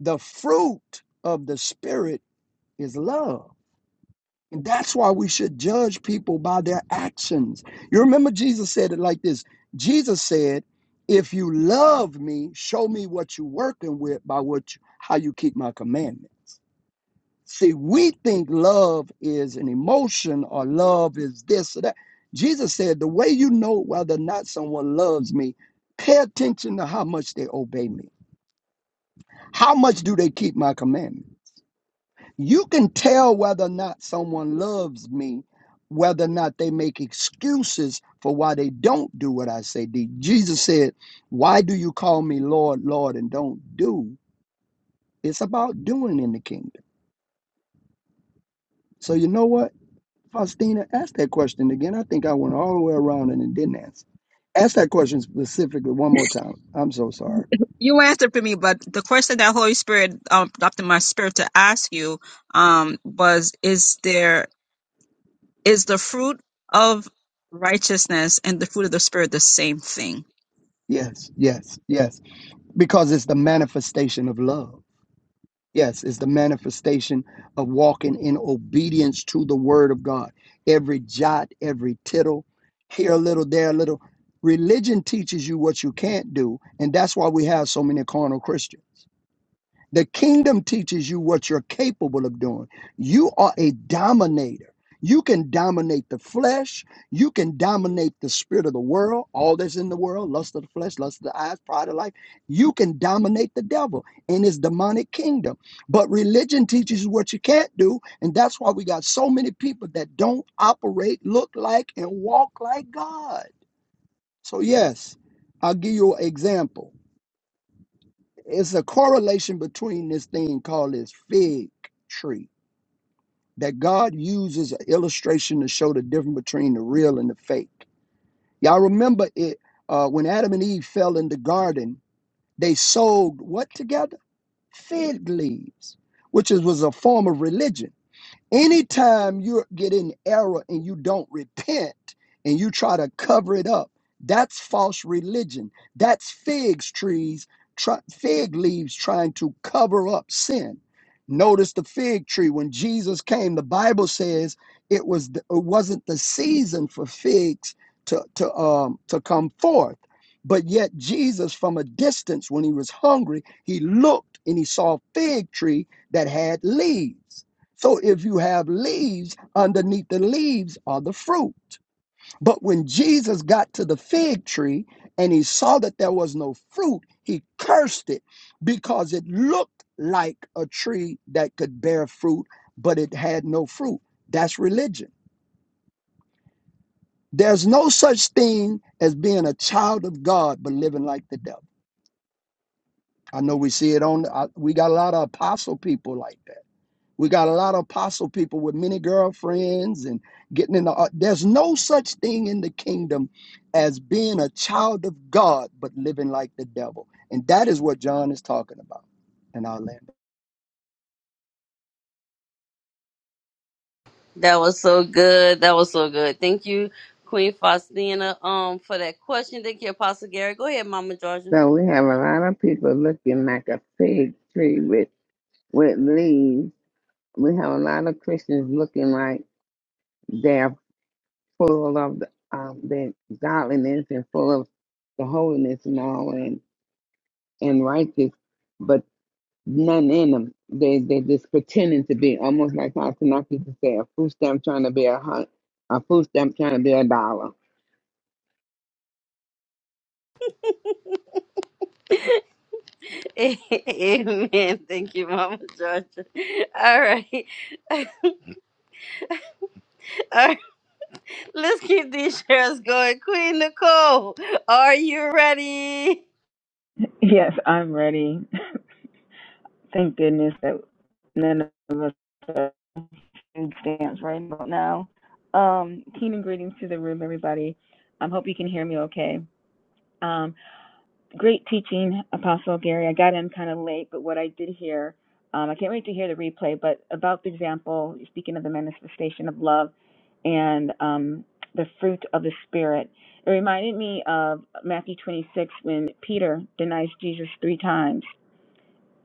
Speaker 3: the fruit of the spirit is love. And that's why we should judge people by their actions. You remember Jesus said it like this Jesus said, If you love me, show me what you're working with by what you, how you keep my commandments. See, we think love is an emotion or love is this or that. Jesus said, The way you know whether or not someone loves me, pay attention to how much they obey me. How much do they keep my commandment? You can tell whether or not someone loves me, whether or not they make excuses for why they don't do what I say. The- Jesus said, Why do you call me Lord, Lord, and don't do? It's about doing in the kingdom. So, you know what? Faustina, ask that question again. I think I went all the way around and it didn't answer. Ask that question specifically one more time. I'm so sorry.
Speaker 4: You answered for me, but the question that Holy Spirit um, dropped in my spirit to ask you um, was: Is there is the fruit of righteousness and the fruit of the spirit the same thing?
Speaker 3: Yes, yes, yes. Because it's the manifestation of love. Yes, it's the manifestation of walking in obedience to the word of God. Every jot, every tittle, here a little, there a little. Religion teaches you what you can't do, and that's why we have so many carnal Christians. The kingdom teaches you what you're capable of doing. You are a dominator. You can dominate the flesh. You can dominate the spirit of the world, all that's in the world, lust of the flesh, lust of the eyes, pride of life. You can dominate the devil in his demonic kingdom. But religion teaches you what you can't do. And that's why we got so many people that don't operate, look like, and walk like God. So, yes, I'll give you an example it's a correlation between this thing called this fig tree that God uses an illustration to show the difference between the real and the fake. Y'all remember it uh, when Adam and Eve fell in the garden, they sowed what together? Fig leaves, which is, was a form of religion Anytime you get in error and you don't repent and you try to cover it up, that's false religion. That's figs trees, try, fig leaves trying to cover up sin. Notice the fig tree when Jesus came. The Bible says it was the, it wasn't the season for figs to to um to come forth. But yet Jesus, from a distance, when he was hungry, he looked and he saw a fig tree that had leaves. So if you have leaves, underneath the leaves are the fruit. But when Jesus got to the fig tree and he saw that there was no fruit, he cursed it because it looked like a tree that could bear fruit, but it had no fruit. That's religion. There's no such thing as being a child of God but living like the devil. I know we see it on. I, we got a lot of apostle people like that We got a lot of apostle people with many girlfriends and getting in the. uh, There's no such thing in the kingdom as being a child of God, but living like the devil. And that is what John is talking about. And I'll land.
Speaker 1: That was so good. That was so good. Thank you, Queen Faustina, um, for that question. Thank you, Apostle Gary. Go ahead, Mama Georgia.
Speaker 5: So, we have a lot of people looking like a fig tree with, with leaves. We have a lot of Christians looking like they're full of the, um, their godliness and full of the holiness and all. and righteous, but none in them. They they just pretending to be almost like how Tanaka used to say a food stamp trying to be a hun- a food stamp trying to be a dollar.
Speaker 1: Amen. Thank you, Mama Georgia. All right. All right. Let's keep these shares going. Queen Nicole, are you ready?
Speaker 6: Yes, I'm ready. Thank goodness that none of us are food stamps right about now. Um, keen and greetings to the room, everybody. I um, hope you can hear me okay. Um, great teaching, Apostle Gary. I got in kind of late, but what I did hear, um, I can't wait to hear the replay, but about the example, speaking of the manifestation of love and um, the fruit of the Spirit, it reminded me of Matthew 26 when Peter denies Jesus three times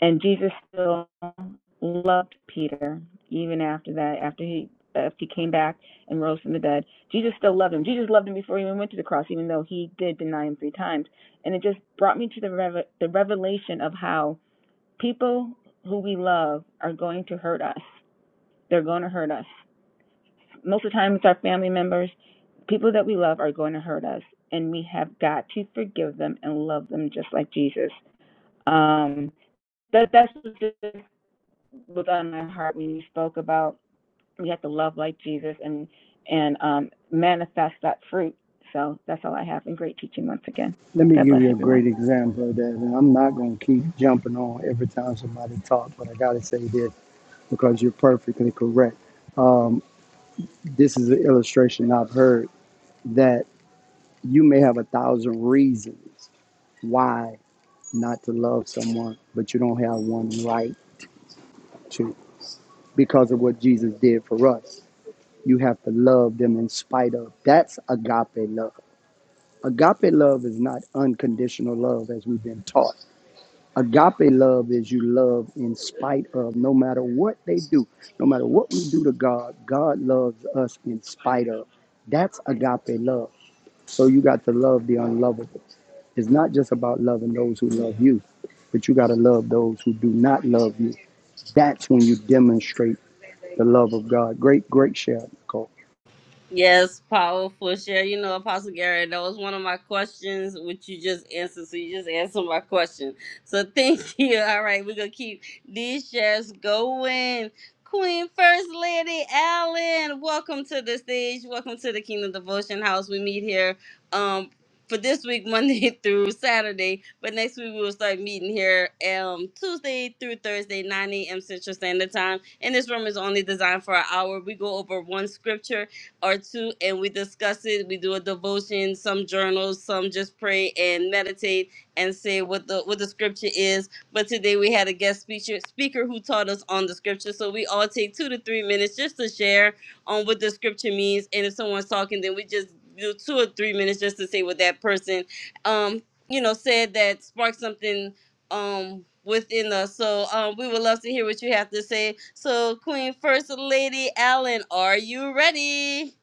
Speaker 6: and Jesus still loved Peter even after that, after he after he came back and rose from the dead. Jesus still loved him. Jesus loved him before he even went to the cross, even though he did deny him three times. And it just brought me to the rev- the revelation of how people who we love are going to hurt us. They're going to hurt us. Most of the time, it's our family members. People that we love are going to hurt us, and we have got to forgive them and love them just like Jesus. Um, that that's just was on my heart when you spoke about we have to love like Jesus and and um, manifest that fruit. So that's all I have. And great teaching once again.
Speaker 3: Let me
Speaker 6: God
Speaker 3: give
Speaker 6: bless
Speaker 3: you a
Speaker 6: everyone.
Speaker 3: great example of that. And I'm not going to keep jumping on every time somebody talks, but I got to say this because you're perfectly correct. Um, this is an illustration I've heard that you may have a thousand reasons why not to love someone, but you don't have one right to because of what Jesus did for us. You have to love them in spite of. That's agape love. Agape love is not unconditional love as we've been taught. Agape love is you love in spite of no matter what they do, no matter what we do to God, God loves us in spite of. That's agape love. So you got to love the unlovable. It's not just about loving those who love you, but you got to love those who do not love you That's when you demonstrate the love of God. Great, great share, Nicole.
Speaker 1: Yes, powerful share. You know, Apostle Gary, that was one of my questions, which you just answered. So you just answered my question. So thank you. All right, we're gonna keep these shares going. Queen First Lady Allen, welcome to the stage. Welcome to the Kingdom Devotion House. We meet here um for this week, Monday through Saturday. But next week we will start meeting here um Tuesday through Thursday, 9 a.m. Central Standard Time. And this room is only designed for an hour. We go over one scripture or two and we discuss it we do a devotion some journals some just pray and meditate and say what the what the scripture is but today we had a guest speaker speaker who taught us on the scripture so we all take two to three minutes just to share on what the scripture means and if someone's talking then we just do two or three minutes just to say what that person um you know said that sparked something um within us so um we would love to hear what you have to say so queen first lady allen are you ready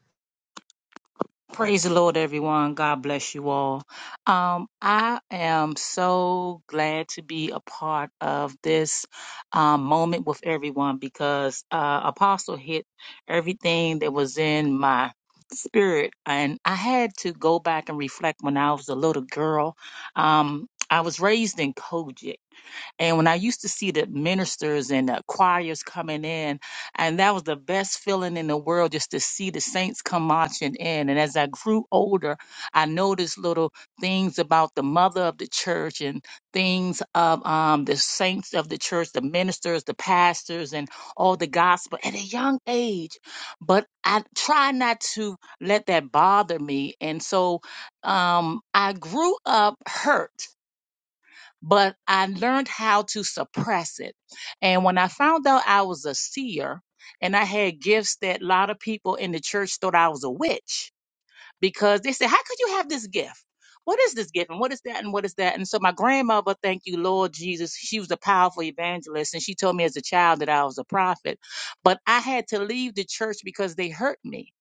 Speaker 7: Praise the Lord, everyone. God bless you all. Um, I am so glad to be a part of this um, moment with everyone because uh, Apostle hit everything that was in my spirit. And I had to go back and reflect when I was a little girl. Um, I was raised in Kojic. And when I used to see the ministers and the choirs coming in, and that was the best feeling in the world just to see the saints come marching in. And as I grew older, I noticed little things about the mother of the church and things of um, the saints of the church, the ministers, the pastors, and all the gospel at a young age. But I try not to let that bother me. And so um, I grew up hurt but I learned how to suppress it. And when I found out I was a seer and I had gifts that a lot of people in the church thought I was a witch because they said, How could you have this gift? What is this gift? And what is that? And what is that? And so my grandmother, thank you, Lord Jesus, she was a powerful evangelist. And she told me as a child that I was a prophet. But I had to leave the church because they hurt me.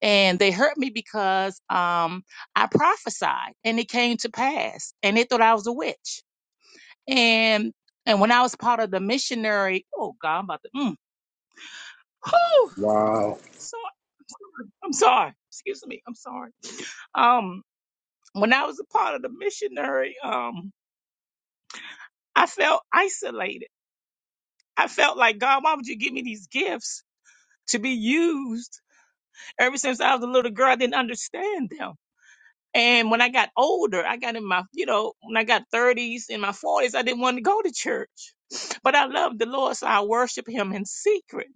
Speaker 7: And they hurt me because um, I prophesied and it came to pass. And they thought I was a witch. And and when I was part of the missionary, oh God, I'm about to mm, whew,
Speaker 3: Wow.
Speaker 7: sorry, I'm sorry. Excuse me, I'm sorry. Um, when I was a part of the missionary, um, I felt isolated. I felt like God, why would you give me these gifts to be used? Ever since I was a little girl, I didn't understand them. And when I got older, I got in my, you know, when I got 30s in my 40s, I didn't want to go to church. But I loved the Lord, so I worship Him in secret.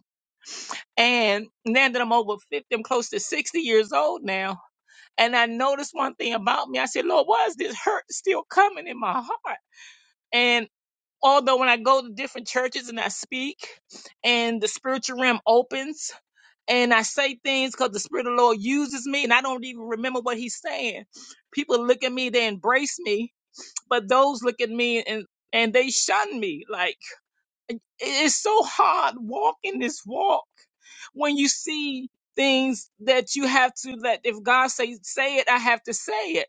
Speaker 7: and now that I'm over 50, I'm close to 60 years old now. And I noticed one thing about me. I said, Lord, why is this hurt still coming in my heart? And although when I go to different churches and I speak and the spiritual realm opens and I say things because the Spirit of the Lord uses me and I don't even remember what He's saying, people look at me, they embrace me, but those look at me and and they shun me. Like, it- it's so hard walking this walk when you see things that you have to let if god say say it i have to say it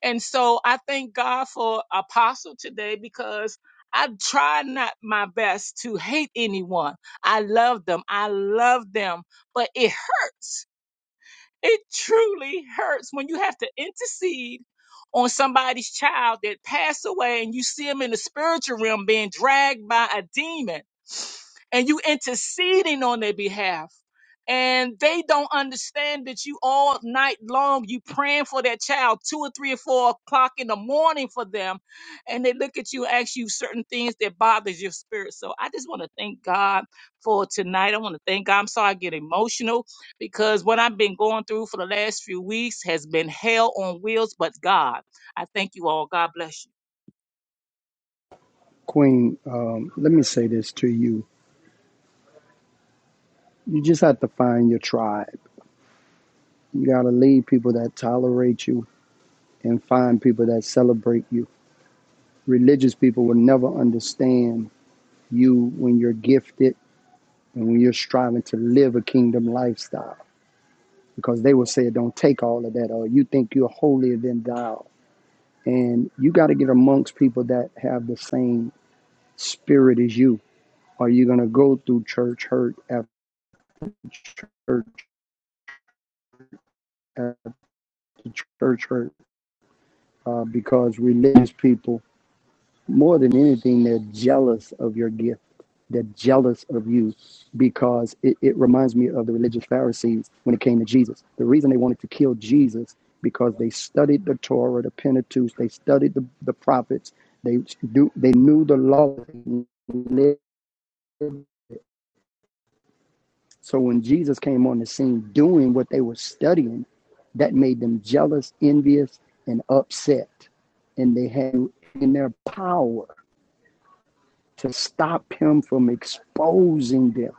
Speaker 7: and so i thank god for apostle today because i try not my best to hate anyone i love them i love them but it hurts it truly hurts when you have to intercede on somebody's child that passed away and you see them in the spiritual realm being dragged by a demon and you interceding on their behalf. And they don't understand that you all night long, you praying for that child two or three or four o'clock in the morning for them. And they look at you and ask you certain things that bothers your spirit. So I just want to thank God for tonight. I want to thank God. I'm sorry I get emotional because what I've been going through for the last few weeks has been hell on wheels, but God. I thank you all. God bless you.
Speaker 3: Queen, um, let me say this to you. You just have to find your tribe. You got to lead people that tolerate you and find people that celebrate you. Religious people will never understand you when you're gifted and when you're striving to live a kingdom lifestyle because they will say, don't take all of that, or you think you're holier than thou. And you got to get amongst people that have the same Spirit is you. Are you going to go through church hurt after church after church hurt? Uh, because religious people, more than anything, they're jealous of your gift. They're jealous of you because it, it reminds me of the religious Pharisees when it came to Jesus. The reason they wanted to kill Jesus because they studied the Torah, the Pentateuch, they studied the, the prophets, they do they knew the law, they lived So when Jesus came on the scene doing what they were studying, that made them jealous, envious, and upset. And they had in their power to stop him from exposing them.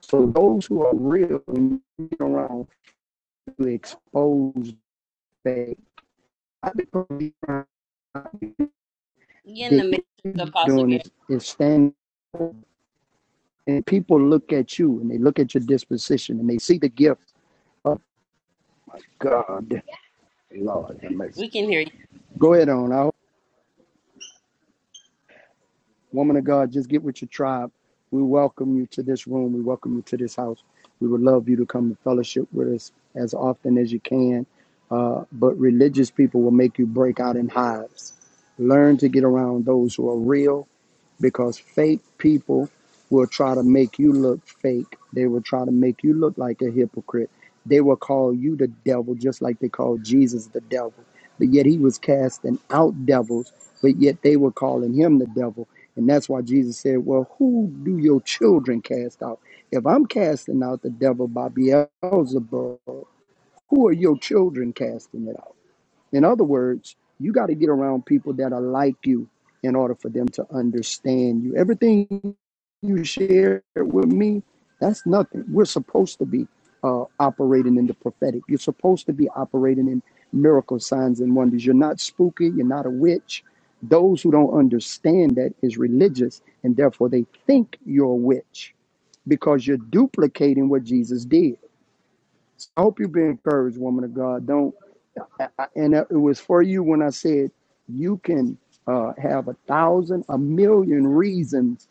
Speaker 3: So those who are real and around to expose they
Speaker 1: you in the matrix, Apostle
Speaker 3: doing
Speaker 1: Gary.
Speaker 3: is, is stand and people look at you and they look at your disposition and they see the gift of God. Lord
Speaker 1: We can hear you.
Speaker 3: Go ahead on. Woman of God, just get with your tribe. We welcome you to this room. We welcome you to this house. We would love you to come and fellowship with us as often as you can. Uh, but religious people will make you break out in hives. Learn to get around those who are real because fake people will try to make you look fake. They will try to make you look like a hypocrite. They will call you the devil just like they called Jesus the devil. But yet he was casting out devils, but yet they were calling him the devil and that's why Jesus said, Well, who do your children cast out? If I'm casting out the devil by Beelzebub, who are your children casting it out? In other words, you got to get around people that are like you in order for them to understand you. Everything you share with me, that's nothing. We're supposed to be uh, operating in the prophetic. You're supposed to be operating in miracle signs and wonders. You're not spooky. You're not a witch. Those who don't understand that is religious, and therefore they think you're a witch because you're duplicating what Jesus did. So I hope you've been encouraged, woman of God. Don't. I, I, and it was for you when I said you can uh, have a thousand, a million reasons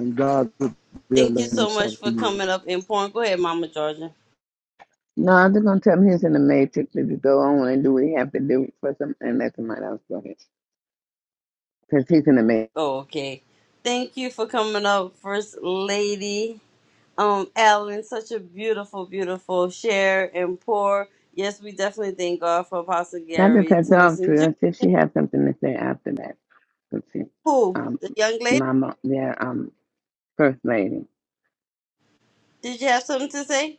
Speaker 3: and God revealed
Speaker 1: Thank you so
Speaker 3: himself
Speaker 1: much for
Speaker 3: to you.
Speaker 1: coming up and pouring. Go ahead, Mama Georgia.
Speaker 5: No, they're gonna tell him he's in the matrix to go on and do what he have to do for some and let somebody else go ahead. Because he's in the matrix.
Speaker 1: Oh, okay. Thank you for coming up, First Lady. Um, Alan, such a beautiful, beautiful share and pour. Yes, we definitely thank God for Apostle
Speaker 5: Not to
Speaker 1: Gary
Speaker 5: cut you
Speaker 1: to
Speaker 5: off,
Speaker 1: listen.
Speaker 5: True. I said she has something to say after that. Let's see.
Speaker 1: Who?
Speaker 5: Um
Speaker 1: The young lady?
Speaker 5: Mama yeah, um first lady.
Speaker 1: Did you have something to say?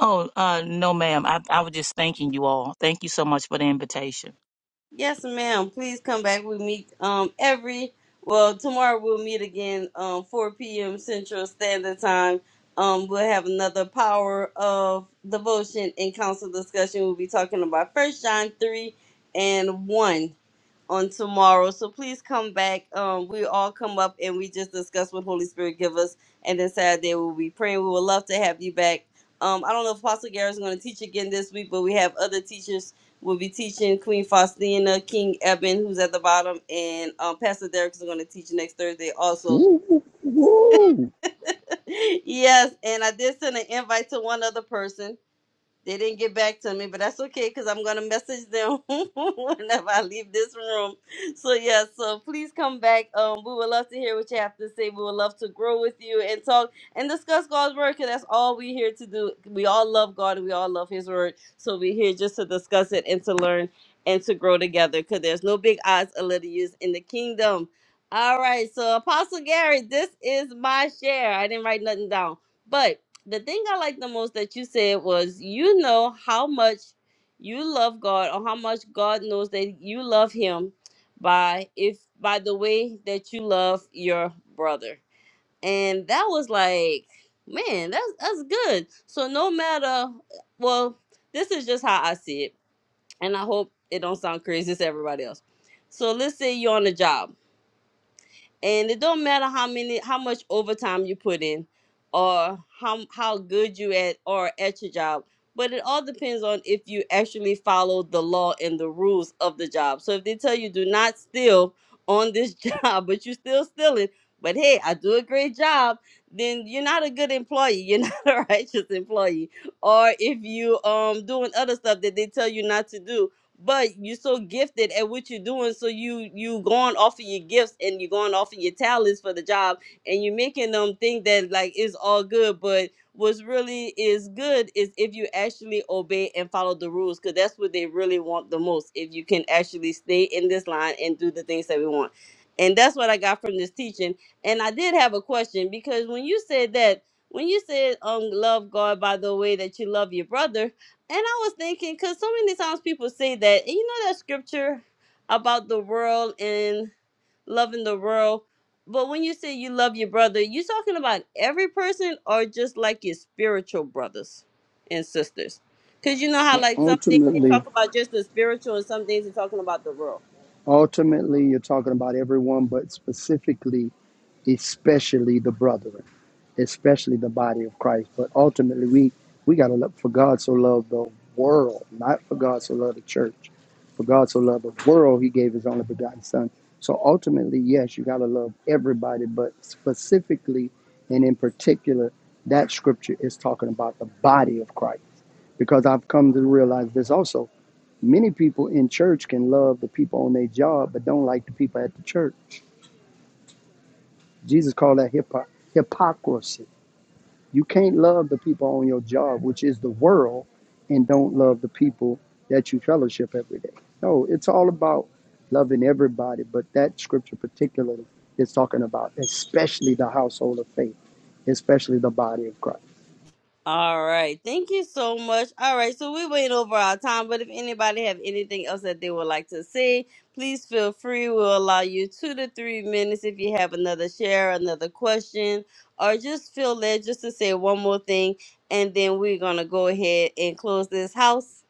Speaker 7: Oh, uh, no, ma'am. I, I was just thanking you all. Thank you so much for the invitation.
Speaker 1: Yes, ma'am. Please come back. We meet um every well tomorrow we'll meet again um 4 p.m. Central Standard Time. Um, we'll have another power of devotion and council discussion. We'll be talking about First John three and one on tomorrow. So please come back. Um, we all come up and we just discuss what Holy Spirit give us, and then Saturday we'll be praying. We would love to have you back. Um, I don't know if Apostle Garrett is going to teach again this week, but we have other teachers. We'll be teaching Queen Faustina, King Eben, who's at the bottom, and um, Pastor Derek is going to teach next Thursday also.
Speaker 3: Woo, woo,
Speaker 1: yes, and I did send an invite to one other person they didn't get back to me, but that's okay because I'm gonna message them whenever I leave this room. So yeah, so please come back. Um, we would love to hear what you have to say. We would love to grow with you and talk and discuss God's word because that's all we're here to do. We all love God and we all love His word, so we're here just to discuss it and to learn and to grow together. Because there's no big odds or little use in the kingdom. All right, so Apostle Gary, this is my share. I didn't write nothing down, but the thing I like the most that you said was you know how much you love God or how much God knows that you love him by if by the way that you love your brother. And that was like, man, that's that's good. So no matter well, this is just how I see it. And I hope it don't sound crazy to everybody else. So let's say you're on a job and it don't matter how many how much overtime you put in or how how good you at or at your job but it all depends on if you actually follow the law and the rules of the job so if they tell you do not steal on this job but you still stealing but hey i do a great job then you're not a good employee you're not a righteous employee or if you um doing other stuff that they tell you not to do but you're so gifted at what you're doing so you you going off of your gifts and you're going off of your talents for the job and you're making them think that like it's all good but what's really is good is if you actually obey and follow the rules because that's what they really want the most if you can actually stay in this line and do the things that we want and that's what i got from this teaching and i did have a question because when you said that when you said um love god by the way that you love your brother and I was thinking, because so many times people say that, and you know that scripture about the world and loving the world. But when you say you love your brother, you talking about every person or just like your spiritual brothers and sisters? Because you know how, like, some things they
Speaker 3: Ultimately,
Speaker 1: talk about just the spiritual and some things they're talking about the world.
Speaker 3: Ultimately, you're talking about everyone, but specifically, especially the brethren, especially the body of Christ. But ultimately, we we got to look for God so loved the world, not for God so loved the church. For God so loved the world, He gave His only begotten Son. So ultimately, yes, you got to love everybody, but specifically and in particular, that scripture is talking about the body of Christ. Because I've come to realize this also Many people in church can love the people on their job, but don't like the people at the church. Jesus called that hypo- hypocrisy. You can't love the people on your job, which is the world, and don't love the people that you fellowship every day. No, it's all about loving everybody, but that scripture particularly is talking about especially the household of faith, especially the body of Christ.
Speaker 1: All right. Thank you so much. All right. So we went over our time, but if anybody have anything else that they would like to say, please feel free. We'll allow you two to three minutes if you have another share, another question, or just feel led just to say one more thing, and then we're gonna go ahead and close this house.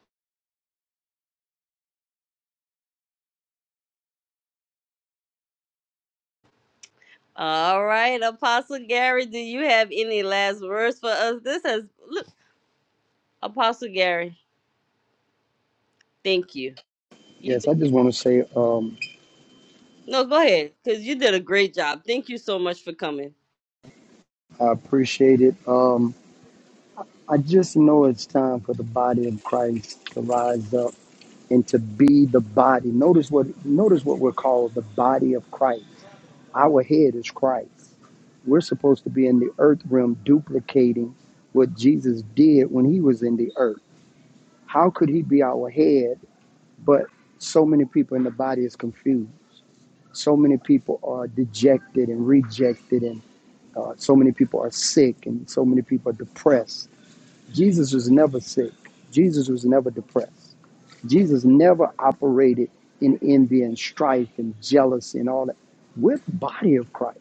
Speaker 1: All right, Apostle Gary, do you have any last words for us? This has look, Apostle Gary. Thank you. You
Speaker 3: Yes,
Speaker 1: did,
Speaker 3: I just want to say um,
Speaker 1: no, go ahead, cause you did a great job. Thank you so much for coming.
Speaker 3: I appreciate it. Um, I just know it's time for the body of Christ to rise up and to be the body. Notice what notice what we're called the body of Christ. Our head is Christ. We're supposed to be in the earth realm duplicating what Jesus did when he was in the earth. How could he be our head but so many people in the body is confused. So many people are dejected and rejected and uh, so many people are sick and so many people are depressed Jesus was never sick. Jesus was never depressed. Jesus never operated in envy and strife and jealousy and all that. We're the body of Christ.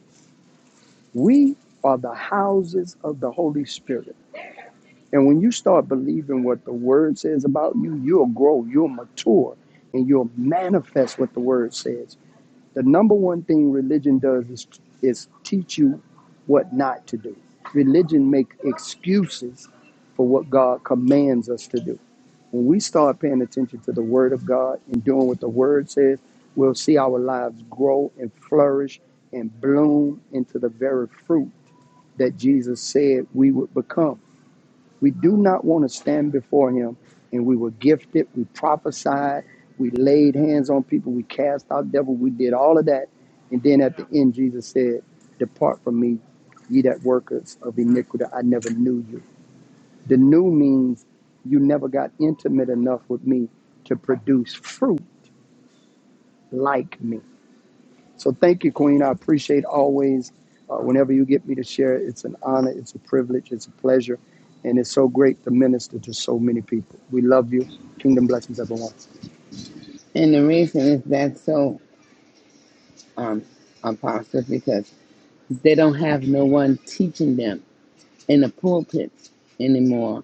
Speaker 3: We are the houses of the Holy Spirit. And when you start believing what the word says about you, you'll grow, you'll mature, and you'll manifest what the word says. The number one thing religion does is, is teach you what not to do. Religion make excuses for what God commands us to do. When we start paying attention to the word of God and doing what the word says, we'll see our lives grow and flourish and bloom into the very fruit that Jesus said we would become. We do not want to stand before him. And we were gifted, we prophesied, we laid hands on people, we cast out devil, we did all of that. And then at the end, Jesus said, Depart from me, ye that workers of iniquity, I never knew you. The new means you never got intimate enough with me to produce fruit like me. So thank you, Queen. I appreciate always uh, whenever you get me to share. It's an honor, it's a privilege, it's a pleasure, and it's so great to minister to so many people. We love you. Kingdom blessings, everyone.
Speaker 5: And the reason is that so um apostle because They don't have no one teaching them in the pulpit anymore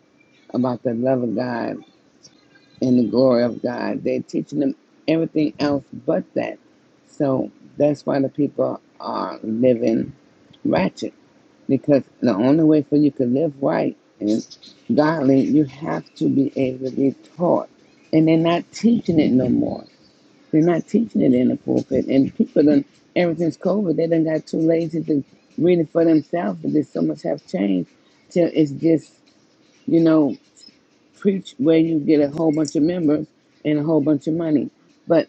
Speaker 5: about the love of God and the glory of God. They're teaching them everything else but that. So that's why the people are living ratchet because the only way for you to live right and godly, you have to be able to be taught. And they're not teaching it no more. They're not teaching it in the pulpit. And people done, ever since COVID, they done got too lazy to read it for themselves. But there's so much have changed till it's just, you know, preach where you get a whole bunch of members and a whole bunch of money. But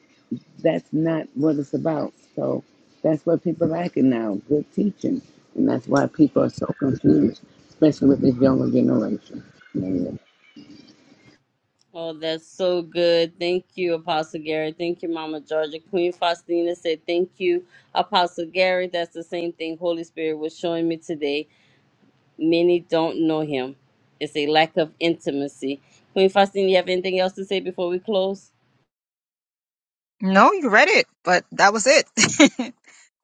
Speaker 5: that's not what it's about. So that's what people like it now, good teaching. And that's why people are so confused, especially with this younger generation. Amen.
Speaker 1: Oh, that's so good. Thank you, Apostle Gary. Thank you, Mama Georgia. Queen Faustina said, Thank you, Apostle Gary. That's the same thing Holy Spirit was showing me today. Many don't know him. It's a lack of intimacy. Queen Faustina, you have anything else to say before we close?
Speaker 4: No, you read it, but that was it.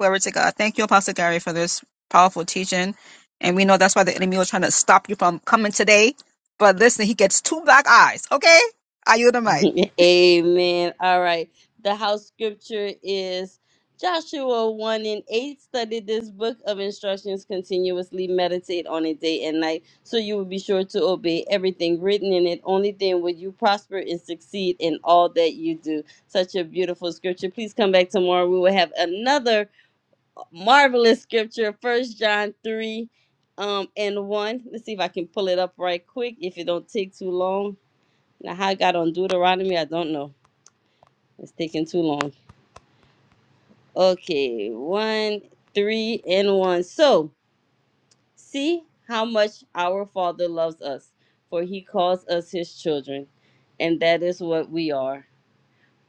Speaker 4: Glory to God. Thank you, Apostle Gary, for this powerful teaching. And we know that's why the enemy was trying to stop you from coming today. But listen, he gets two black eyes. Okay, are you the mic?
Speaker 1: Amen. All right. The house scripture is Joshua 1 and 8. Study this book of instructions continuously. Meditate on it day and night so you will be sure to obey everything written in it. Only then will you prosper and succeed in all that you do. Such a beautiful scripture. Please come back tomorrow. We will have another marvelous scripture. First John 3 um, and 1. Let's see if I can pull it up right quick if it don't take too long. Now, how I got on Deuteronomy, I don't know. It's taking too long. Okay, one, three, and one. So, see how much our Father loves us, for he calls us his children, and that is what we are.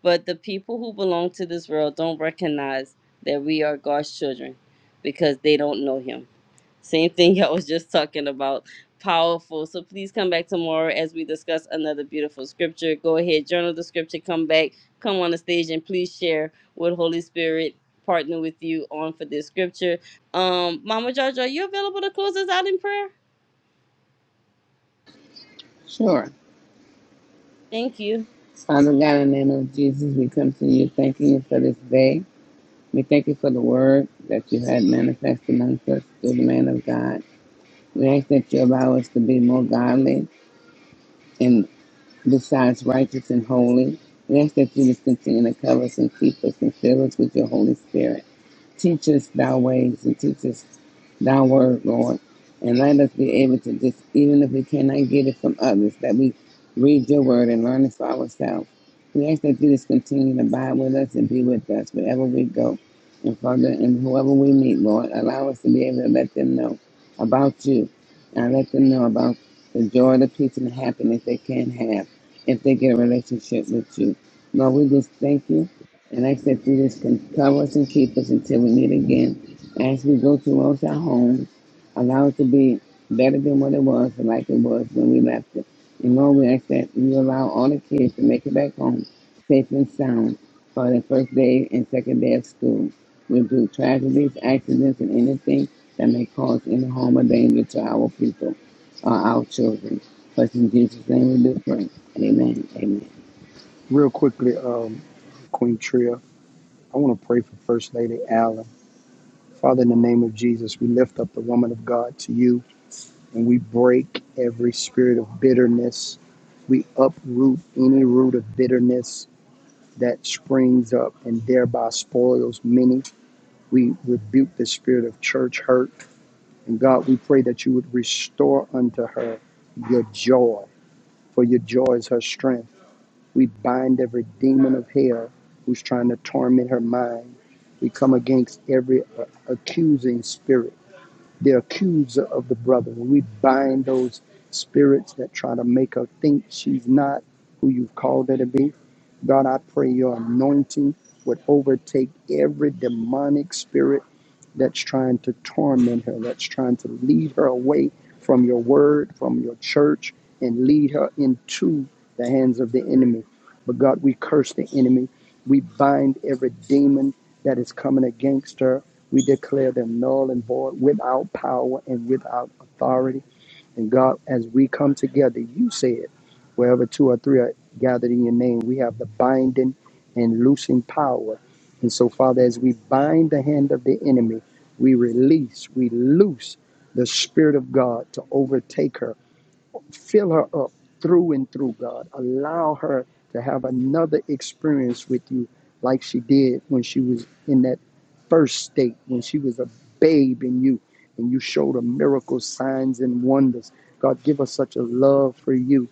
Speaker 1: But the people who belong to this world don't recognize that we are God's children because they don't know him. Same thing y'all was just talking about. Powerful. So please come back tomorrow as we discuss another beautiful scripture. Go ahead, journal the scripture, come back, come on the stage, and please share what Holy Spirit partner with you on for this scripture. Um, Mama Georgia, are you available to close us out in prayer?
Speaker 5: Sure.
Speaker 1: Thank you.
Speaker 5: Father God, in the name of Jesus, we come to you thanking you for this day. We thank you for the word that you had manifest amongst us through the man of God. We ask that you allow us to be more godly and besides righteous and holy. We ask that you just continue to cover us and keep us and fill us with your Holy Spirit. Teach us thy ways and teach us thy word, Lord. And let us be able to just, even if we cannot get it from others, that we read your word and learn it for ourselves. We ask that you just continue to abide with us and be with us wherever we go and Father, and whoever we meet, Lord. Allow us to be able to let them know about you and let them know about the joy, the peace, and the happiness they can have if they get a relationship with you. Lord, we just thank you and I ask that you just cover us and keep us until we meet again. As we go towards our homes, allow it to be better than what it was, like it was when we left it. And Lord, we ask that you allow all the kids to make it back home safe and sound for the first day and second day of school. We do tragedies, accidents, and anything that may cause any harm or danger to our people or our children. But in Jesus' name we do pray. Amen. Amen.
Speaker 3: Real quickly, um, Queen Tria, I want to pray for First Lady Allen. Father, in the name of Jesus, we lift up the woman of God to you, and we break every spirit of bitterness. We uproot any root of bitterness that springs up and thereby spoils many. We rebuke the spirit of church hurt. And God, we pray that you would restore unto her your joy, for your joy is her strength. We bind every demon of hell who's trying to torment her mind. We come against every uh, accusing spirit the accuser of the brother. We bind those spirits that try to make her think she's not who you've called her to be. God, I pray your anointing would overtake every demonic spirit that's trying to torment her, that's trying to lead her away from your word, from your church, and lead her into the hands of the enemy. But God, we curse the enemy. We bind every demon that is coming against her we declare them null and void, without power and without authority. And God, as we come together, you said, wherever two or three are gathered in your name, we have the binding and loosing power. And so, Father, as we bind the hand of the enemy, we release, we loose the Spirit of God to overtake her fill her up through and through, God. Allow her to have another experience with you like she did when she was in that first state, when she was a babe in you, and you showed her miracles, signs, and wonders. God, give us such a love for you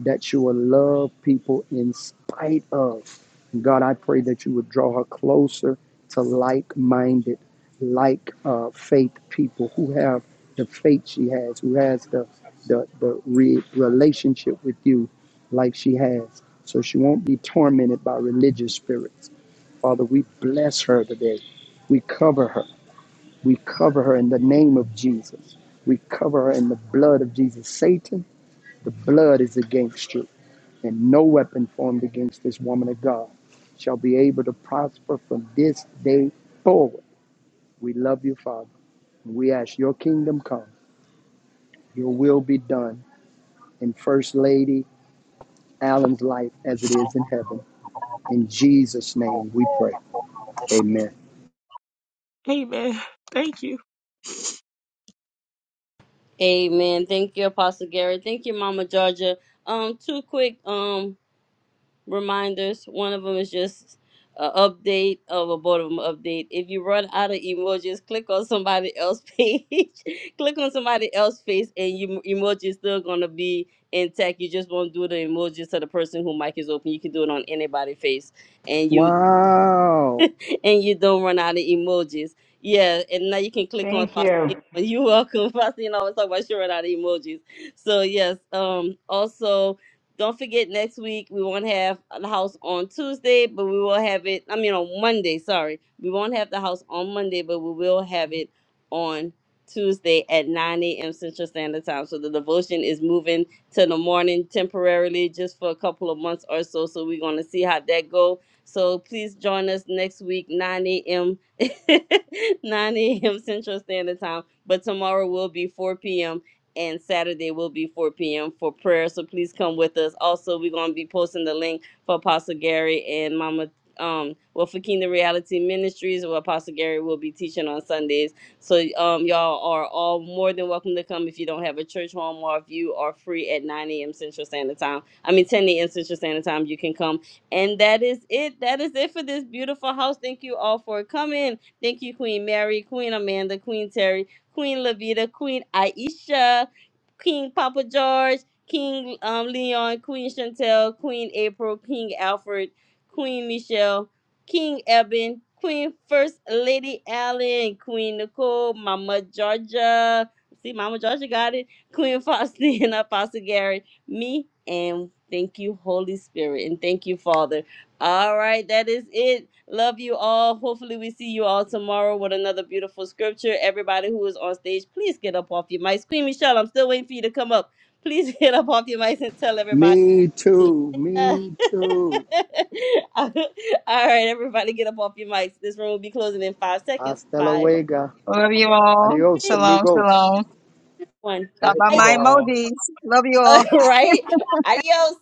Speaker 3: that you will love people in spite of. God, I pray that you would draw her closer to like minded, like uh, faith people who have the faith she has, who has the, the, the re- relationship with you like she has. So she won't be tormented by religious spirits. Father, we bless her today. We cover her. We cover her in the name of Jesus. We cover her in the blood of Jesus. Satan, the blood is against you and no weapon formed against this woman of God shall be able to prosper from this day forward. We love you, Father. we ask your kingdom come, your will be done in First Lady Allen's life as it is in heaven. In Jesus' name we pray. Amen.
Speaker 7: Amen. Thank you.
Speaker 1: Amen. Thank you, Apostle Gary. Thank you, Mama Georgia. Um, two quick. um. reminders. One of them is just an update of a board of 'em update. If you run out of emojis, click on somebody else's page. click on somebody else's face, and your emoji is still gonna be intact. You just won't do the emojis to the person who mic is open. You can do it on anybody's face, and you
Speaker 3: Wow.
Speaker 1: and you don't run out of emojis. Yeah, and now you can click on
Speaker 6: Thank you.
Speaker 1: Faustino. You're welcome. Faustino always talk about she run out of emojis. So yes. Um. Also, don't forget next week we won't have the house on Tuesday, but we will have it. I mean on Monday. Sorry, we won't have the house on Monday, but we will have it on Tuesday at 9 a.m. Central Standard Time. So the devotion is moving to the morning temporarily, just for a couple of months or so. So we're gonna see how that goes so please join us next week, 9 a.m. 9 a.m. Central Standard Time. But tomorrow will be 4 p.m. and Saturday will be 4 p.m. for prayer. So please come with us. Also, we're gonna be posting the link for Apostle Gary and Mama um well for Kingdom Reality Ministries where Apostle Gary will be teaching on Sundays. So um y'all are all more than welcome to come if you don't have a church home or if you are free at 9 a.m. Central Standard Time. I mean 10 a.m. Central Standard Time, you can come and that is it. That is it for this beautiful house. Thank you all for coming. Thank you, Queen Mary, Queen Amanda, Queen Terry, Queen Levita, Queen Aisha, King Papa George, King um, Leon, Queen Chantel, Queen April, King Alfred, Queen Michelle, King Eben, Queen First Lady Allen, Queen Nicole, Mama Georgia. See, Mama Georgia got it. Queen Faustina, Apostle Gary me and thank you holy spirit and thank you father all right that is it love you all hopefully we see you all tomorrow with another beautiful scripture everybody who is on stage please get up off your mics queen michelle i'm still waiting for you to come up please get up off your mics and tell everybody
Speaker 3: Me
Speaker 1: See you
Speaker 3: too.
Speaker 1: later.
Speaker 3: Me too.
Speaker 1: all right everybody get up off your mics this room will be closing in five seconds
Speaker 3: Hasta
Speaker 1: five
Speaker 3: luego.
Speaker 4: Love you all.
Speaker 3: Adios,
Speaker 1: three
Speaker 4: Shalom,
Speaker 3: amigos.
Speaker 4: shalom.
Speaker 1: one
Speaker 4: Stop by
Speaker 7: You
Speaker 1: bye
Speaker 4: my
Speaker 7: all.
Speaker 4: emojis. Love you all.
Speaker 1: all right adios